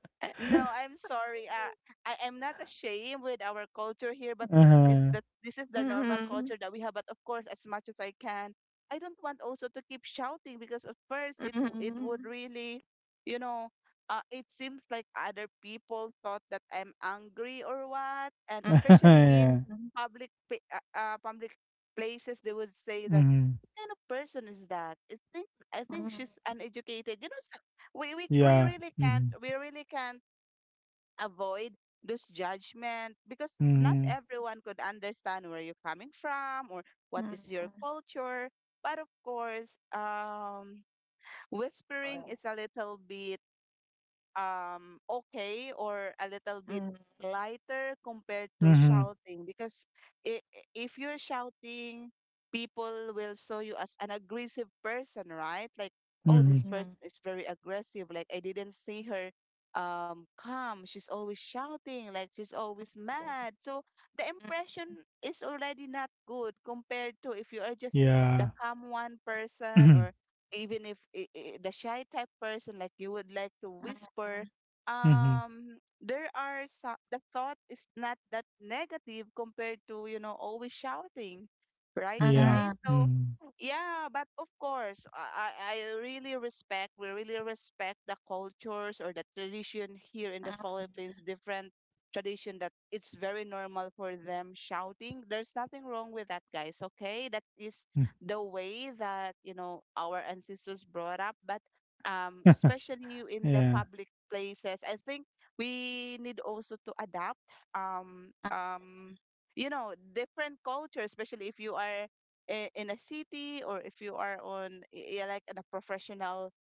S3: No, I'm sorry. I am not ashamed with our culture here, but it's
S1: Uh-huh.
S3: that this is the normal
S2: Mm-hmm.
S3: culture that we have. But of course, as much as I can, I don't want also to keep shouting because at first it would
S2: Mm-hmm.
S3: really, you know, it seems like other people thought that I'm angry or what, and especially in
S1: Yeah.
S3: public places, they would say that
S1: Hmm.
S3: what kind of person is that? I think she's uneducated. You know, so
S1: Yeah. Hmm.
S3: we really can't avoid those judgment, because not
S1: Hmm.
S3: everyone could understand where you're coming from or what is your culture. But of course, whispering is a little bit okay, or a little bit
S2: Mm-hmm.
S3: lighter compared to
S1: Hmm.
S3: shouting. Because if you're shouting, people will saw you as an aggressive person, right? Like, oh,
S1: Hmm.
S3: this person is very aggressive, like I didn't see her calm, she's always shouting, like she's always mad. So the impression is already not good compared to if you are just
S1: Yeah.
S3: the calm one person,
S1: Hmm.
S3: even if I I the shy type person, like you would like to whisper, there are some, the thought is not that negative compared to, you know, always shouting, right
S1: Yeah.
S3: guys?
S2: Mm-hmm.
S3: So
S1: Hmm.
S3: yeah, but of course, I really respect, we really respect the cultures or the tradition here in the
S2: Mhm.
S3: Philippines. Different tradition that it's very normal for them shouting, there's nothing wrong with that guys, okay? That is the way that, you know, our ancestors brought up. But especially in the
S1: Yeah.
S3: public places, I think we need also to adapt um um you know different culture, especially if you are in a city, or if you are on yeah, like in a professional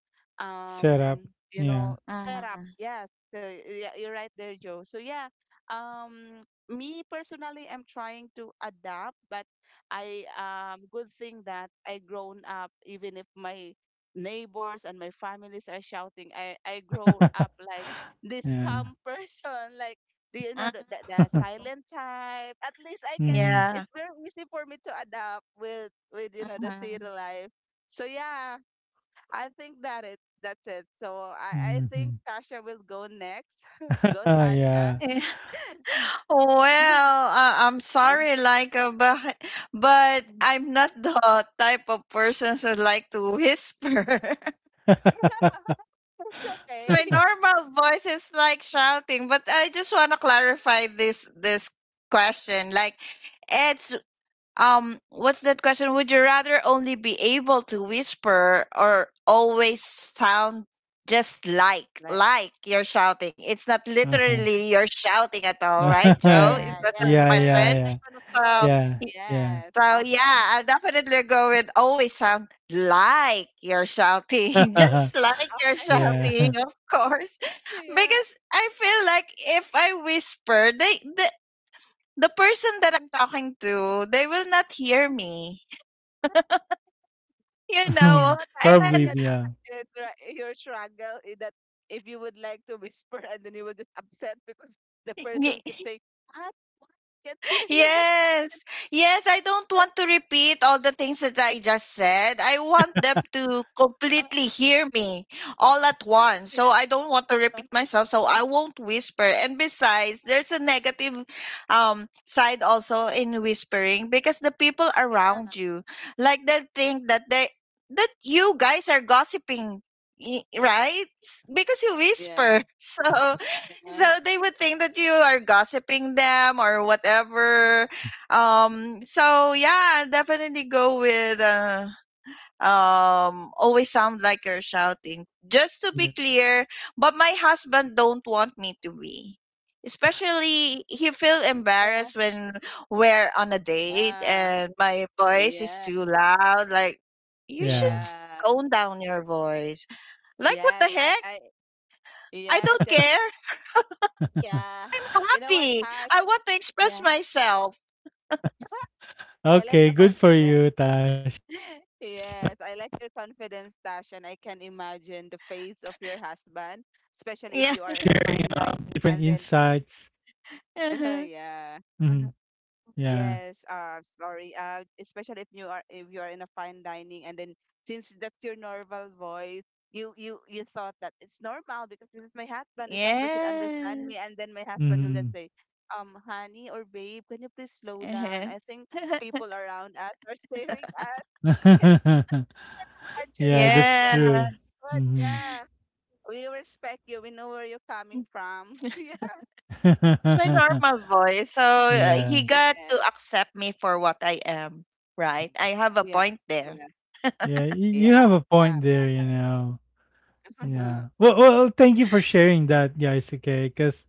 S1: Shut up.
S3: um you
S1: Yeah.
S3: know setup.
S2: Mhm.
S3: Yeah, so yeah, you're right there Joe. So yeah, um me personally, I'm trying to adapt, but I good thing that I grown up even if my neighbors and my families are shouting. I grow up like this
S1: Yeah.
S3: calm person, like, do you know the silent type? At least I can.
S1: Hmm.
S2: Yeah.
S3: It's very easy for me to adapt with you know the city
S2: Mhm.
S3: life. So yeah, I think that it that's it. So I think
S1: Hmm.
S3: Tasha will go next. Go Tasha.
S1: Yeah.
S2: Eh, well, I'm sorry, like, but, I'm not the type of person who like to whisper.
S3: It's
S2: So
S3: okay.
S2: my normal voice is like shouting, but I just want to clarify this question. It's what's that question, would you rather only be able to whisper or always sound just like you're shouting? It's not
S1: Uh-huh.
S2: literally you're shouting at all, right,
S3: Not,
S2: Joe?
S1: Yeah.
S3: yeah,
S2: Is that
S3: yeah.
S2: a
S3: It's
S1: Yeah.
S3: like
S2: question?
S3: that
S1: Yeah.
S3: kind of
S2: so
S3: voice.
S1: Yeah.
S3: Yes.
S2: so
S3: Okay.
S2: yeah, I'll definitely go with always sound like you're shouting
S1: Yeah.
S2: just like you're
S3: Okay.
S2: shouting,
S1: Yeah.
S2: of course.
S3: Yeah.
S2: Because I feel like if I whisper, the person that I'm talking to, they will not hear me, you
S3: You
S2: know.
S3: know what? Actually, I
S1: Probably.
S2: And
S3: can
S1: Yeah.
S3: imagine, right, your struggle in that if you would like to whisper and then you will just upset because the person keep
S2: y-
S3: saying, "What? What? Can't hear you."
S2: yes, yes, I don't want to repeat all the things that I just said. I want them to completely hear me all at once, so
S3: Yeah.
S2: I don't want to
S3: Yeah.
S2: repeat
S3: uh,
S2: myself, so I won't whisper. And besides, there's a negative side also in whispering, because the people
S3: Yeah.
S2: around you, like, they think that they that you guys are gossiping, right, because you
S3: Yeah.
S2: whisper. So so they would think that you are gossiping them or whatever. So yeah, definitely go with always sound like you're shouting. Just to be
S1: Yeah.
S2: clear, but my husband don't want me to be. Especially he feel embarrassed when we're on a date and my voice is
S3: Yeah.
S2: too loud. Like, you
S3: Yeah.
S2: should
S1: Yeah.
S3: Yeah.
S2: tone down your voice. Like, what
S3: Yes.
S2: the
S3: I.
S2: heck?
S3: I.
S2: I
S3: Yes.
S2: don't
S3: That's.
S2: care.
S3: Yeah. You know what,
S2: Happy.
S3: Tash?
S2: I want to express
S3: Yeah.
S2: myself.
S3: I like
S1: Okay,
S3: the
S1: good for you,
S3: confidence.
S1: Tash.
S3: Yes, I like your confidence, Tash, and I can imagine the face of your husband,
S1: Sharing
S3: especially if
S2: Yeah.
S3: you
S1: different
S3: are in a fine dining
S1: insights.
S3: and then
S2: Uh-huh.
S3: yeah.
S1: Mm-hmm. Yeah.
S3: Yes, sorry. Especially if you are in a fine dining and then since that's your normal voice, you thought that it's normal because this is my husband, this husband should understand me,
S2: Yes.
S3: and then my husband will
S1: Mm-hmm.
S3: just say, honey or babe, can you please slow down?
S2: Uh-huh.
S3: I think people around us are staring at. I can't imagine
S1: Yeah, that's
S3: Tasha.
S2: Yeah.
S1: true.
S3: But
S1: Mm-hmm.
S3: yeah, we respect you. We know where you're coming from.
S2: It's my normal voice. So
S1: Yeah.
S2: he got to
S3: Yeah.
S2: accept me for what I am, right? I have a
S3: Yes.
S2: point there.
S3: Yeah.
S1: Yeah.
S3: Yeah. Yeah.
S1: You have a point there, you know.
S3: Yeah.
S1: Yeah. Well, thank you for sharing that, guys. Okay. Because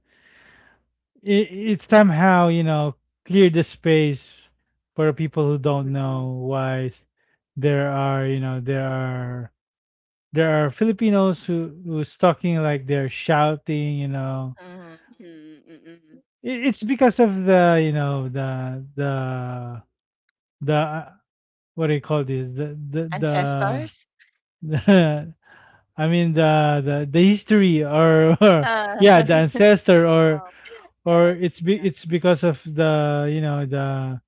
S1: it somehow, you know, cleared the space for people who don't
S3: Mm-mm.
S1: know there are, you know, there are Filipinos who's talking like they're shouting, you know.
S2: Mhm.
S3: Mm-mm. Mm-mm.
S1: It's because of the, you know, the what do you call this?
S2: Ancestors?
S1: The I mean the history or,
S2: Uh,
S3: Yeah.
S1: the
S3: The post for
S1: ancestor, or
S3: itself. Yes. Yeah.
S1: it's because of the, you know, the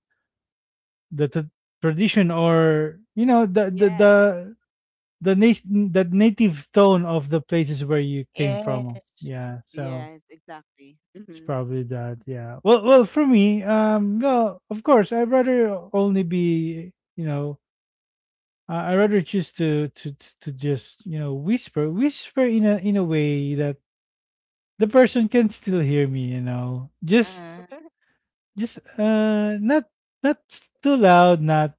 S1: the tradition, or, you know,
S3: Yes.
S1: the, nat- the native tone of the places where you came from.
S2: yes.
S1: Yeah, so
S3: Yes. Exactly.
S1: it's
S3: Mm-hmm.
S1: probably that, yeah. Well, for me, well, of course, I'd rather only be, you know, I'd rather choose to just, you know, whisper in a way that the person can still hear me, you know, just
S2: Mm,
S1: not not too loud, not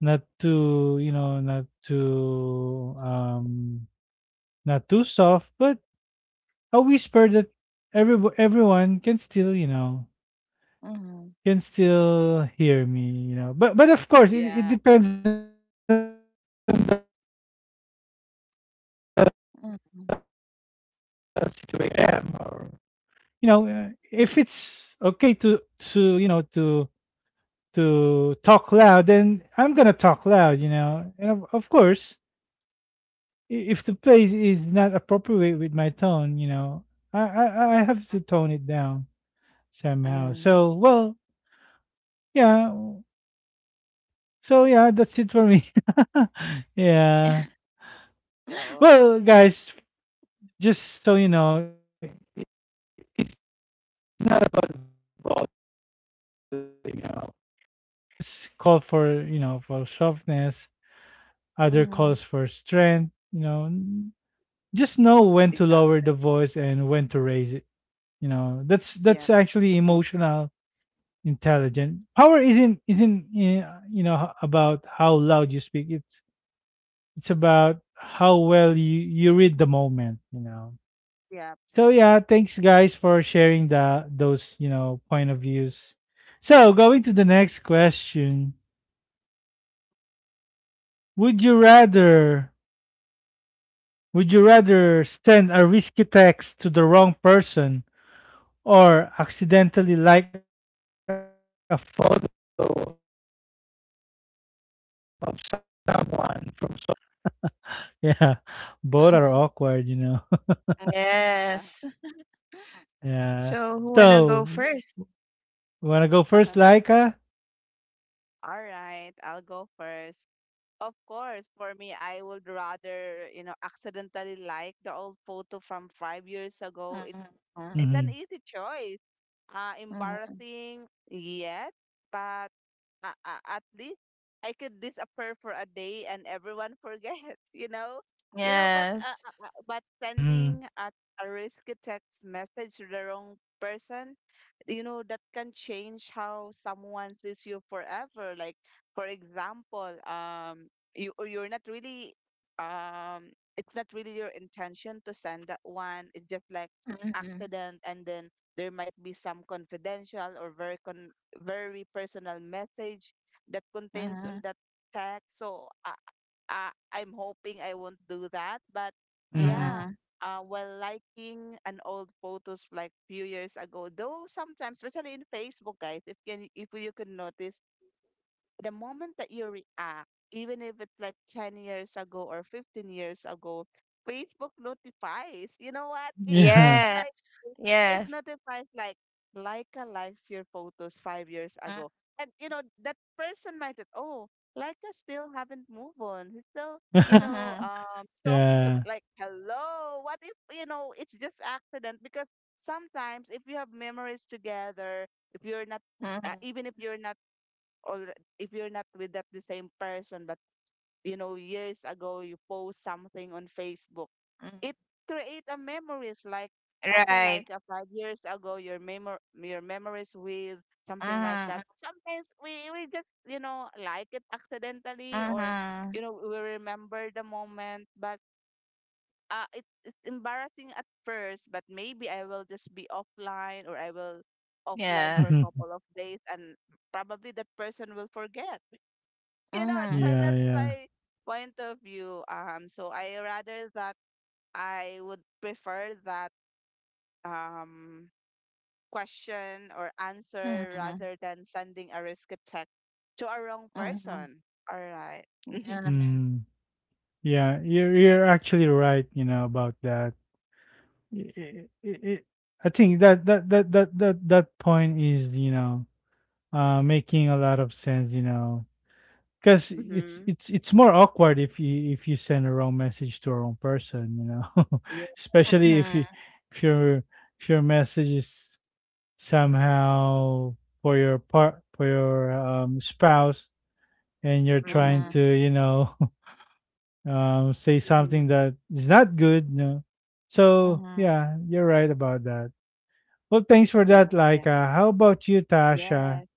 S1: too, you know, not too, not too soft, but a whisper that everyone can still, you know,
S2: mhm,
S1: can still hear me, you know. But of course, it
S3: Yeah.
S1: depends on the situation, you know. Depends on the event or where I
S2: mhm,
S1: am, or, you know, if it's okay to you know to talk loud, then I'm gonna talk loud, you know. And of course, if the place is not appropriate with my tone, you know, I have to tone it down somehow.
S2: mhm,
S1: So, well, yeah. So, yeah, that's it for me. Yeah.
S3: So
S1: Well, guys, just so you know, moments call for, you know, for softness. Other
S2: mhm,
S1: calls for strength. You know, just know when to lower the
S3: exactly.
S1: voice and when to raise it. You know, that's
S3: Yeah.
S1: that's actually
S3: Mm.
S1: emotional intelligence. Power isn't you know, about how loud you speak. It's about how well you read the moment. You know.
S3: Yeah.
S1: So, yeah, thanks, guys, for sharing the those, you know, point of views. So going to the next question. Would you rather would you rather send a risky text to the wrong person or accidentally like a photo of someone on social media platforms from 5 years ago? Yeah. Both are
S2: mhm.
S1: awkward, you know.
S2: Yes.
S1: Yeah.
S2: So who wanna go
S1: So,
S2: first?
S1: want to go first, Laika?
S3: All right. I'll go first. Of course, for me, I would rather, you know, accidentally like the old photo from 5 years ago.
S2: Mhm, mhm,
S3: It's
S1: Mm-hmm.
S3: an easy choice.
S2: mhm.
S3: Embarrassing, yes, but at least I could disappear for a day and everyone forgets, you know? You know,
S2: Yes.
S3: but
S1: Mm-hmm.
S3: sending a risky text message to the wrong person, you know, that can change how someone sees you forever. Like, for example, you're not really, um, it's not really your intention to send that one. It's just like
S2: Mhm.
S3: accident, and then there might be some confidential or very very personal message that contains on
S2: Mhm.
S3: that text. So I I'm hoping I won't do that, but
S1: Mm-hmm.
S3: yeah.
S2: Mhm.
S3: While liking an old photos like few years ago, though sometimes, especially in Facebook, guys, if you can notice, the moment that you react, even if it's like 10 years ago or 15 years ago, Facebook notifies. You know what? It
S1: Yeah.
S2: Yes.
S3: like it
S2: Yes.
S3: notifies like, "Leica likes your photos 5 years
S2: Mm,
S3: ago." And you know, that person might think, oh, Leica still haven't moved on. He's still, you know,
S2: mhm.
S3: talking to me.
S1: Yeah.
S3: Like, hello, what if, it's just accident? Because sometimes if you have memories together, if you're not
S2: Mhm.
S3: even if you're not all if you're not with that the same person but you know years ago you post something on Facebook,
S2: Mhm.
S3: it create a memories like okay
S2: Right.
S3: like 5 years ago your memor your memories with something like
S2: Mhm.
S3: that. Sometimes we just you know like it accidentally or
S2: Mhm.
S3: you know we remember the moment but it's embarrassing at first but maybe I will just be offline or I will offline for
S2: Yeah.
S3: a
S1: Yeah.
S3: couple of days and probably that person will forget, you know.
S2: Mhm.
S3: that's
S1: Yeah.
S3: my point of view. So I rather that I would prefer that um question or answer
S2: Mhm.
S3: rather than sending a risk attack to a wrong
S2: Mhm.
S3: person. All right.
S2: Yeah.
S3: mm-hmm.
S1: Mm. Yeah. You're actually right, you know, about that. I i i i- I think that point is, you know, making a lot of sense. You know, because it's more awkward if you send a wrong message to a wrong person, you know,
S3: Yeah.
S1: especially if you,
S2: Mhm.
S1: if your if your message is somehow for your part for your, spouse, and you're trying to,
S3: Mm-mm.
S2: Mhm.
S1: you know, say something
S3: Mm-hmm.
S1: that is not good, no. So,
S2: Mhm.
S1: yeah, you're right about that. Well, thanks for
S3: Yeah.
S1: that, like.
S3: Yeah.
S1: How about you, Tasha?
S3: Yes.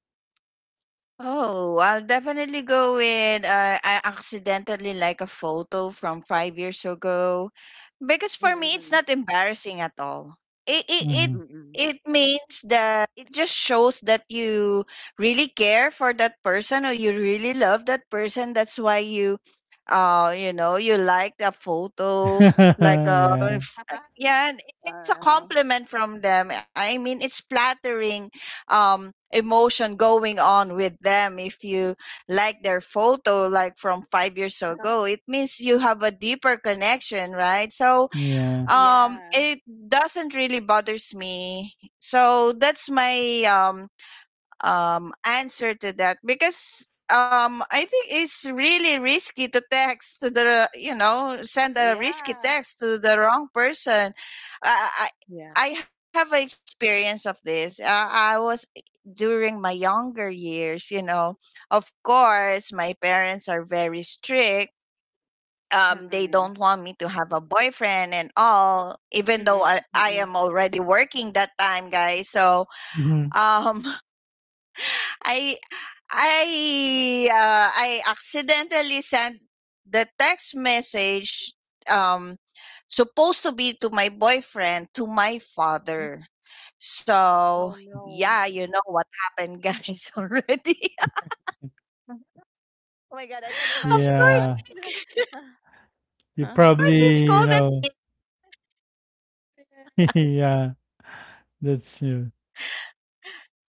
S2: Oh, I'll definitely go with I accidentally like a photo from 5 years ago, because for me it's
S3: Mm-mm.
S2: not embarrassing at all. It it it,
S1: Hmm.
S3: Mm-mm.
S2: it means that it just shows that you really care for that person or you really love that person. That's why you know, you like a photo like
S1: Yeah,
S2: yeah, and
S3: all
S2: it's a
S3: right.
S2: compliment from them. I mean, it's flattering emotion going on with them. If you like their photo like from 5 years ago, it means you have a deeper connection, right? so
S1: yeah.
S2: um
S3: yeah.
S2: it doesn't really bothers me. So that's my answer to that, because um, I think it's really risky to text to the, you know, send a risky
S3: Yeah.
S2: text to the wrong person. I
S3: Yeah.
S2: I, I have an experience of this. I was eh, during my younger years, you know. Of course, my parents are very strict. They don't
S3: Mm-mm.
S2: want me to have a boyfriend and all, even though
S3: Mm-mm.
S2: I
S3: Mm-mm.
S2: am already working that time, guys. So
S1: Hmm.
S2: um, I I accidentally sent the text message, um, supposed to be to my boyfriend, to my father. So
S3: Oh no.
S2: yeah, you know what happened, guys. Already.
S3: Oh my God, I can
S2: Of
S3: imagine
S2: course,
S3: that.
S1: Yeah. You
S3: Uh-huh.
S1: probably,
S2: he
S1: you
S2: scolded.
S1: know.
S3: Yeah.
S1: Yeah, that's true.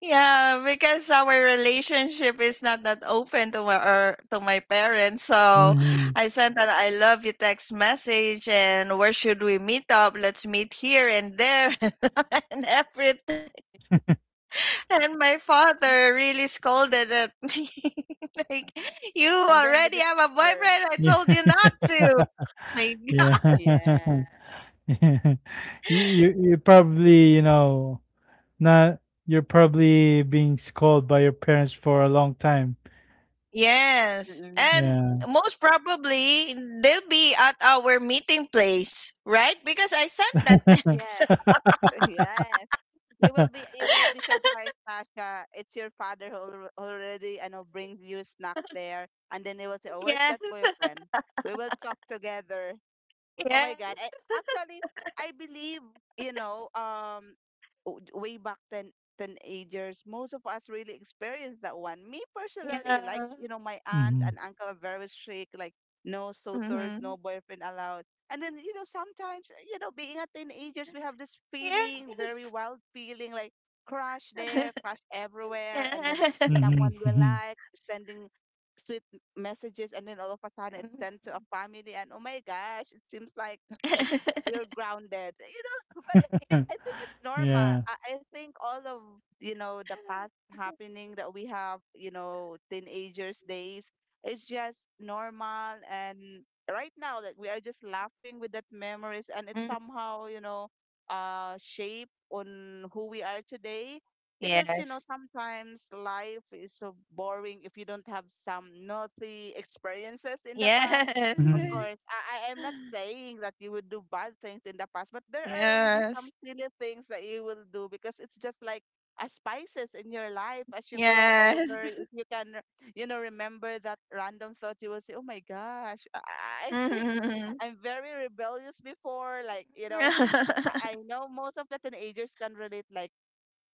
S2: Yeah, because our relationship is not that open to my, or to my parents. So
S1: Mhm.
S2: I sent that I love you text message, and where should we meet up? Let's meet here and there, and everything. And my father really scolded at me. Like, you
S3: And then the
S2: already have a
S3: discover.
S2: boyfriend. I
S1: Yeah.
S2: told you not to. My.
S1: Yeah. Yeah.
S3: Yeah.
S1: You probably, you know, not, you're probably being scolded by your parents for a long time.
S2: Yes.
S3: Mm-mm.
S2: And
S1: Yeah.
S2: most probably they'll be at our meeting place, right? Because I sent that text.
S3: Yes, yes. You will be surprised, Tasha. It's your father who already I know brings you snack there, and then they will say, "Oh, where's
S2: Yeah.
S3: that boyfriend?" We will talk together. Oh
S2: Yeah.
S3: my God. I, actually, I believe, you know, um, way back then, teenagers, most of us really experienced that one. Me personally, like,
S2: Yeah.
S3: you know, my aunt and
S1: Mhm.
S3: uncle are very strict, like, no
S2: Mm-hmm.
S3: suitors, no boyfriend allowed. And then, you know, sometimes, you know, being a teenagers, we have this feeling, very
S2: Yes.
S3: wild feeling, like crush there, crush
S2: Yeah.
S3: everywhere. And then someone we
S1: Mhm.
S3: like, sending sweet messages and then all of a sudden it sent to a family and oh my gosh it seems like we are grounded, you know. but I think it's normal.
S1: Yeah.
S3: I think all of, you know, the past happening that we have, you know, teenagers days, it's just normal and right now like we are just laughing with that memories and it
S2: Mm.
S3: somehow, you know, shape on who we are today. Because, you know,
S2: Yes.
S3: sometimes life is so boring if you don't have some naughty experiences in the past.
S2: Yes.
S3: Of
S1: Mhm.
S3: course, I am not saying that you would do bad things in the past, but there are really some
S2: Yes.
S3: silly things that you will do because it's just like a spices in your life as you grow older.
S2: Yes.
S3: If you can, you know, remember that random thought, you will say, "Oh my gosh, I think
S2: Mm-hmm.
S3: I'm very rebellious before." Like you know, I know most of the teenagers can relate. Like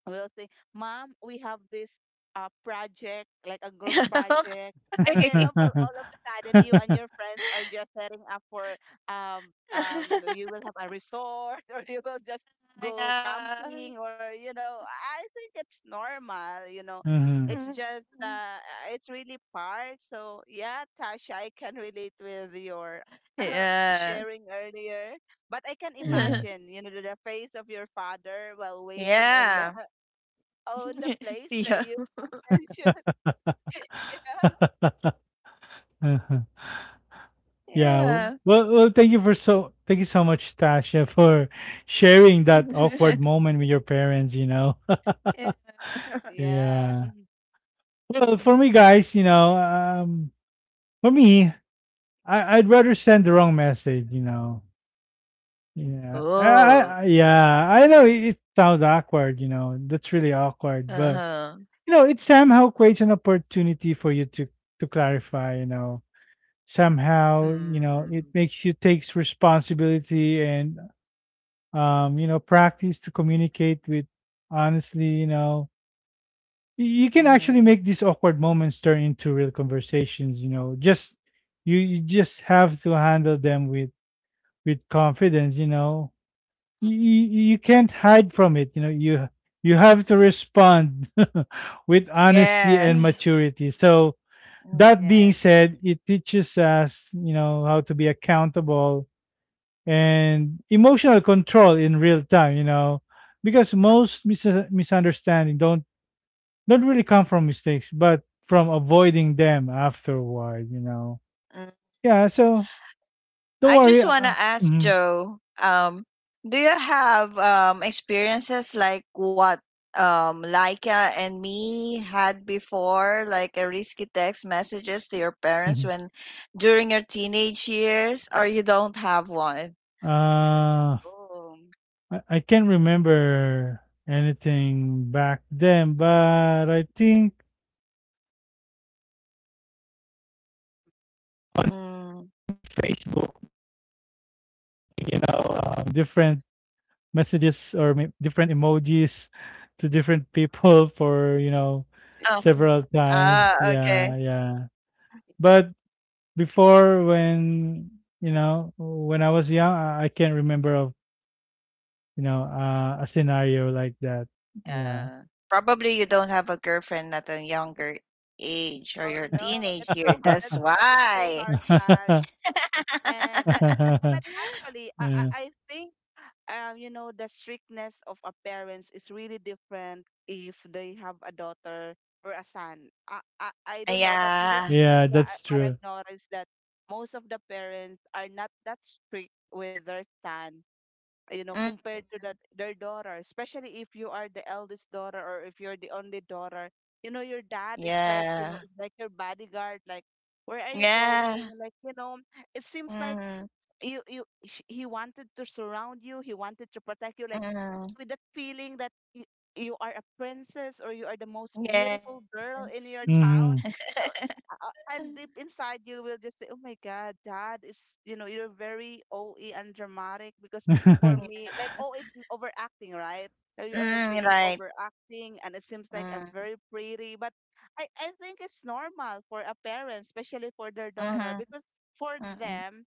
S3: we'll say, Mom, we have this project, like a group project. And then all,
S2: Okay.
S3: all all of a sudden,
S1: Mhm.
S3: you and your friends are just setting up for, you will have a resort or you will just go camping
S2: Yeah.
S3: or, you know, I think it's normal, you know. It's
S2: Mm.
S3: just, it's really part. So, yeah, Tasha, I can relate with your
S2: Yeah.
S3: sharing earlier. But I can
S1: Yeah.
S3: imagine, you know, the face of your father while waiting on the
S2: Yeah.
S3: own the place that
S2: Yeah.
S3: you mentioned. Yeah.
S1: Uh-huh. Yeah.
S2: Yeah.
S1: Well, thank you for so thank you so much, Tasha, for sharing that awkward moment with your parents, you know.
S2: Yeah.
S3: Yeah.
S1: Yeah. Well, for me, guys, you know, for me, I'd rather send the wrong message, you know. Yeah.
S2: Oh.
S1: Yeah, I know it sounds awkward, you know. That's really awkward, but,
S2: Uh-huh.
S1: you know, it somehow creates an opportunity for you to clarify, you know. Somehow, you know,
S2: Mm.
S1: it makes you takes responsibility and, you know, practice to communicate with honestly, you know, you can actually
S2: Mhm.
S1: make these awkward moments turn into real conversations, you know, just you just have to handle them with confidence, you know.
S2: Mm.
S1: You can't hide from it, you know. You have to respond with honesty and
S2: Yes.
S1: maturity. So, that being
S3: Yes.
S1: said, it teaches us, you know, how to be accountable and emotional control in real time, you know, because most misunderstanding don't really come from mistakes but from avoiding them afterward, you know.
S2: Mm.
S1: Yeah. So, don't
S2: I
S1: worry.
S2: just want to ask
S1: Mhm.
S2: Joe, do you have experiences like what Laika and me had before, like a risky text messages to your parents
S1: Mhm.
S2: when during your teenage years, or you don't have one?
S1: Uh,
S3: Oh.
S1: I can't remember anything back then, but I think on Facebook I might have, you know, accidentally
S2: Mm.
S1: sending, you know, different messages, or may different emojis to different people for, you know,
S2: Oh.
S1: several times.
S2: Ah, okay.
S1: Yeah, yeah. But before, when, you know, when I was young, I can't remember of, you know, a scenario like that. Yeah.
S2: Uh, probably you don't have a girlfriend at a younger age or
S3: Oh
S2: your
S3: no,
S2: teenage year. That's
S3: that's that is so
S2: why.
S3: hard, Tash. And but yeah, but actually, I I
S1: Yeah,
S3: I think you know the strictness of a parents is really different if they have a daughter or a son. I don't know, but this is
S2: Yeah.
S1: yeah that's
S3: what
S1: true.
S3: I've noticed that most of the parents are not that strict with their son, you know,
S2: Mm,
S3: compared to that their daughter, especially if you are the eldest daughter or if you're the only daughter. You know your dad is like, you know,
S2: yeah.
S3: it's like your bodyguard, like where are you
S2: Yeah.
S3: going, like, you know, it seems like
S2: Mm,
S3: you he wanted to surround you, he wanted to protect you, like
S2: mm,
S3: with that feeling that you are a princess or you are the most beautiful girl in
S2: yes.
S3: your town.
S1: Hmm.
S3: So, and deep inside you will just say, "Oh my God, Dad is you know you're very OE and dramatic because for
S2: Yeah.
S3: me, like oh, overacting, right? So you are
S2: Mm,
S3: being
S2: right.
S3: overacting, and it seems like
S2: Mm,
S3: I'm very pretty, but I think it's normal for a parent, especially for their daughter,
S2: mm-hmm,
S3: because for
S2: mm-hmm,
S3: them,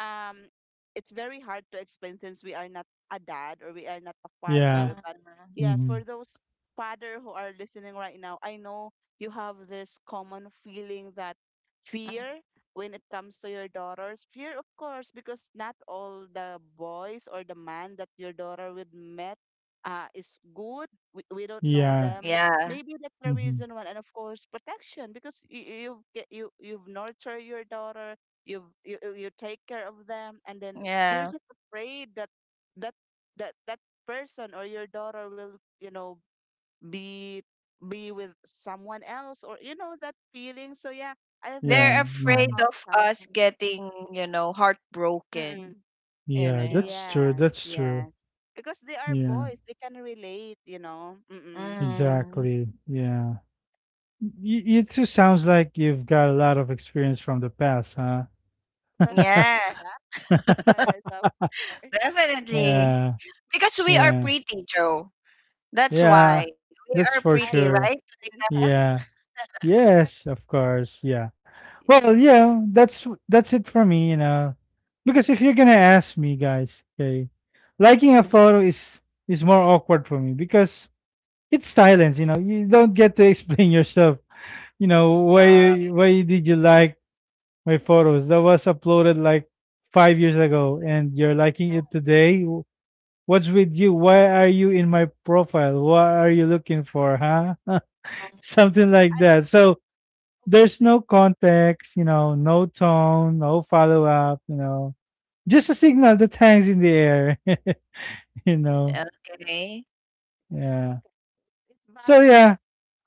S3: um, it's very hard to explain since we are not a dad or we are not a
S1: Yeah.
S3: father. But
S2: mm-hmm.
S3: yes,
S1: Hmm.
S3: for those father who are listening right now, I know you have this common feeling that fear when it comes to your daughters. Fear, of course, because not all the boys or the man that your daughter would met is good. We don't know
S1: Yeah.
S3: them.
S2: Yeah.
S3: Maybe that's the
S1: Hmm.
S3: reason why, and of course, protection because you've nurtured your daughter, you've, you take care of them, and then you're
S2: Yeah.
S3: just afraid that that that person or your daughter will, you know, be be with someone else or you know that feeling. So yeah, I think
S2: They're
S1: Yeah.
S3: it's
S2: afraid
S1: Hmm.
S3: normal
S2: of us
S3: passion.
S2: getting, you know, heartbroken,
S3: Mm-mm.
S2: you
S1: Yeah,
S2: know.
S1: that's true.
S3: Yes,
S1: That's true.
S3: yes, because they are
S1: Yeah.
S3: boys, they can relate, you know. Mm-mm.
S2: Mm.
S1: Exactly. Yeah. You two sounds like you've got a lot of experience from the past, huh?
S2: Yeah,
S3: yes, of course. Do
S2: definitely.
S3: not.
S1: Yeah.
S2: Because we are
S1: Yeah.
S2: pretty, Joe. That's
S1: Yeah.
S2: why. We are
S1: That's for
S2: pretty,
S3: I like
S2: right?
S1: sure.
S3: that in
S2: Like,
S3: touch.
S1: Yeah. Yes, of course. Yeah. Well,
S3: yes.
S1: yeah, that's it for me, you know. Because if you're gonna ask me, guys, okay, liking a photo is more awkward for me because it's silence, you know. You don't get to explain yourself,
S2: uh,
S1: why did you like my photos that was uploaded like 5 years ago and you're liking it today. What's with you? Why are you in my profile? What are you looking for, huh? Something like
S3: I
S1: that
S3: think you
S1: so There's no
S3: overthink.
S1: context, no tone, no follow-up, just a signal that hangs in the air. you
S3: Mhm.
S1: know
S2: uh, okay.
S1: yeah,
S3: Okay, it's
S1: so
S3: valid.
S1: yeah.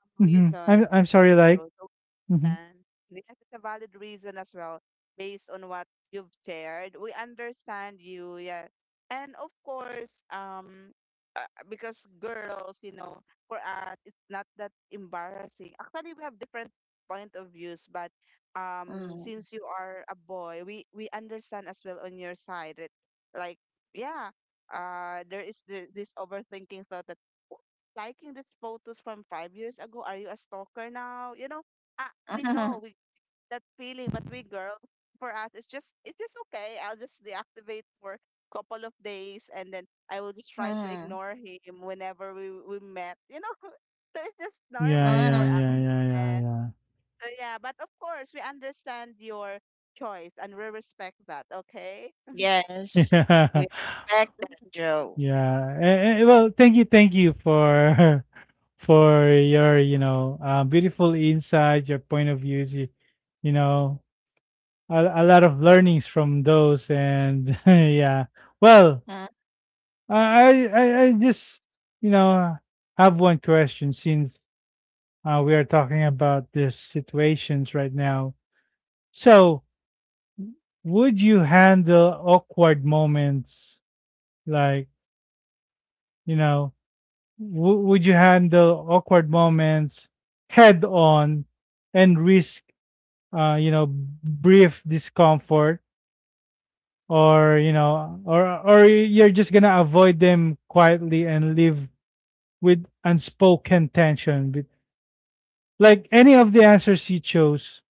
S3: Reason
S1: i'm
S3: as
S1: i'm
S3: well,
S1: sorry, like
S3: Joe. So
S1: hmm
S3: understand. Yes, it's a valid reason as well, based on what you've shared. We understand you, yeah. And of course, uh, because girls, you know, for us, it's not that embarrassing. Actually, we have different point of views, but
S2: Mm.
S3: since you are a boy, we understand as well on your side. It, like, yeah, there is this overthinking thought that "What, liking these photos from 5 years ago. Are you a stalker now? You know, ah, we know we that feeling, but we girls, for us, it's just okay. I'll just deactivate for a couple of days, and then I will just try to
S2: Mm.
S3: ignore him whenever we met. You know, so it's just
S1: yeah,
S3: normal for
S1: yeah,
S2: Mm.
S3: us.
S1: yeah, yeah,
S3: And
S1: yeah,
S3: so yeah, but of course we understand your choice, and we respect that. Okay, be
S1: yeah,
S2: Yes, we
S1: yeah.
S2: respect that, Joe.
S1: Yeah. Well, thank you for for your, beautiful insights, your point of views, you know, a lot of learnings from those, and yeah. Well,
S2: Mm.
S1: I just, you know, have one question since we are talking about these situations right now. So, would you handle awkward moments, like, you know? Would you handle awkward moments head on and risk brief discomfort, or you're just going to avoid them quietly and live with unspoken tension? Like, any of the answers you chose,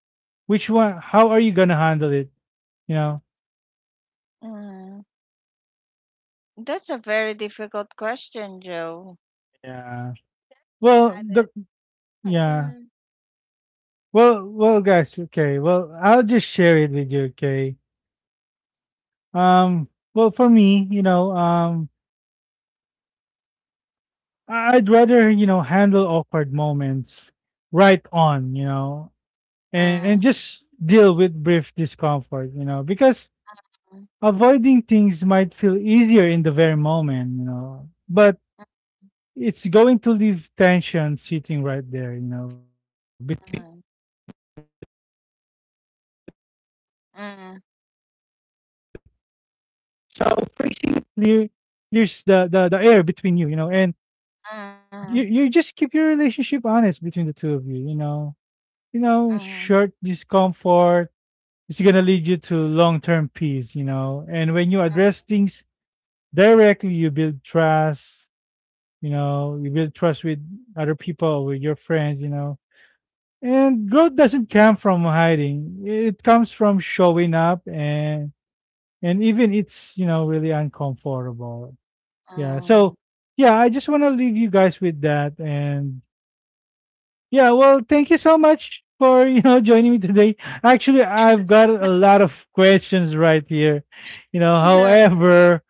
S1: which one, how are you going to handle it, you know
S2: Mm. That's a very difficult question, Joe.
S1: yeah. well the
S3: honest.
S1: Yeah.
S3: Okay.
S1: Well, well, guys, okay, well, I'll just share it with you. Okay. um well, for me, I- I'd rather, you know, handle awkward moments right on, you know, and
S2: Mm.
S1: just deal with brief discomfort, you know, because
S2: Mm.
S1: avoiding things might feel easier in the very moment, you know, but it's going to leave tension sitting right there, you know, between the,
S2: Mm.
S1: and that weighs heavier over time, you know.
S2: Mm.
S1: So clear clears the, the air between you, you know, and you
S2: Mm.
S1: you just keep your relationship honest between the two of you, you know. You know, short discomfort is going to lead you to long term peace, you know. And when you
S2: Mm.
S1: address things directly, you build trust, you know, you build trust with other people, with your friends, you know. And growth doesn't come from hiding, it comes from showing up, and even it's, you know, really uncomfortable. Yeah, so
S2: Mm.
S1: yeah, I just want to leave you guys with that. And yeah, well, thank you so much for joining me today. Actually, I've got a lot of questions right here. You know, however,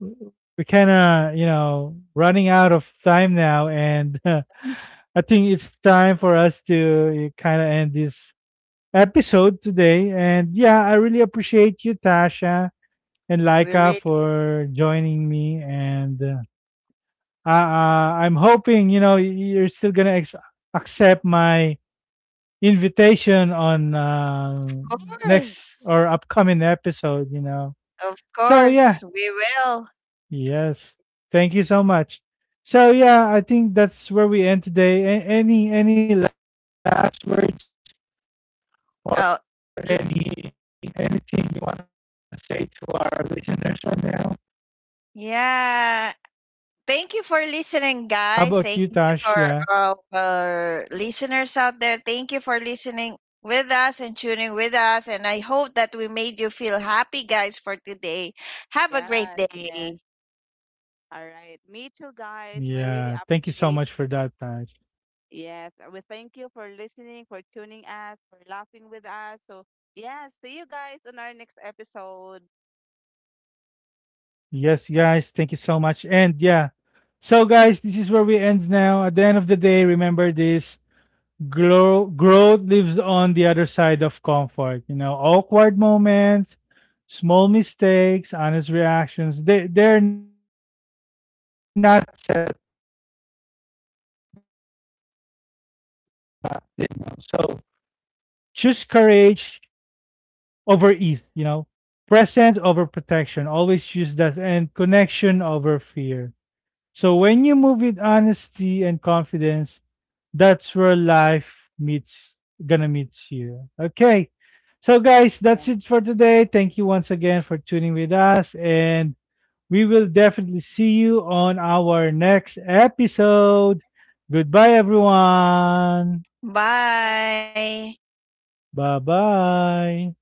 S1: we kind of, you know, running out of time now, and I think it's time for us to kind of end this episode today. And yeah, I really appreciate you, Tasha and
S2: We
S1: Laika,
S2: really.
S1: for joining me. And I'm hoping, you know, you're still gonna accept my invitation on
S2: Of
S1: next
S2: course.
S1: or upcoming episode, you know.
S2: Of
S3: Yeah,
S1: So yeah,
S2: course, we will.
S1: yes. Thank you so much. So yeah, I think that's where we end today. Any last words, or any, anything you
S2: Oh,
S1: want to say
S2: l-
S1: to listeners right now? How
S2: yeah.
S1: about you, Tash?
S2: Thank
S1: Yeah.
S2: you for listening, guys. Thank you for our listeners out there. Thank you for listening with us and tuning with us. And I hope that we made you feel happy, guys, for today. Have a great
S3: yeah. Yeah.
S2: day.
S1: Yeah.
S3: All
S1: Thank you
S3: right.
S1: so
S3: Me
S1: much
S3: too,
S1: for that,
S3: guys. We
S1: Tash.
S3: really appreciate. Yes, we thank you for listening, for tuning us, for laughing with us. So, yeah, see you guys on our next episode.
S1: Yes, guys, thank you so much. And yeah. So guys, this is where we end now. At the end of the day, remember this: growth lives on the other side of comfort, you know. Awkward moments, small mistakes, honest reactions, they're not setbacks, they're proof yourself, you know. So choose courage over ease, you know, presence over protection, always choose that, and connection over fear. So when you move with honesty and confidence, that's where life meets, gonna meet you. Okay. So
S3: Bye.
S1: guys, that's
S3: Yeah.
S1: it for today. Thank you once again for tuning with us, and we will definitely see you on our next episode. Goodbye everyone.
S3: Bye, guys.
S2: Bye.
S1: Bye-bye.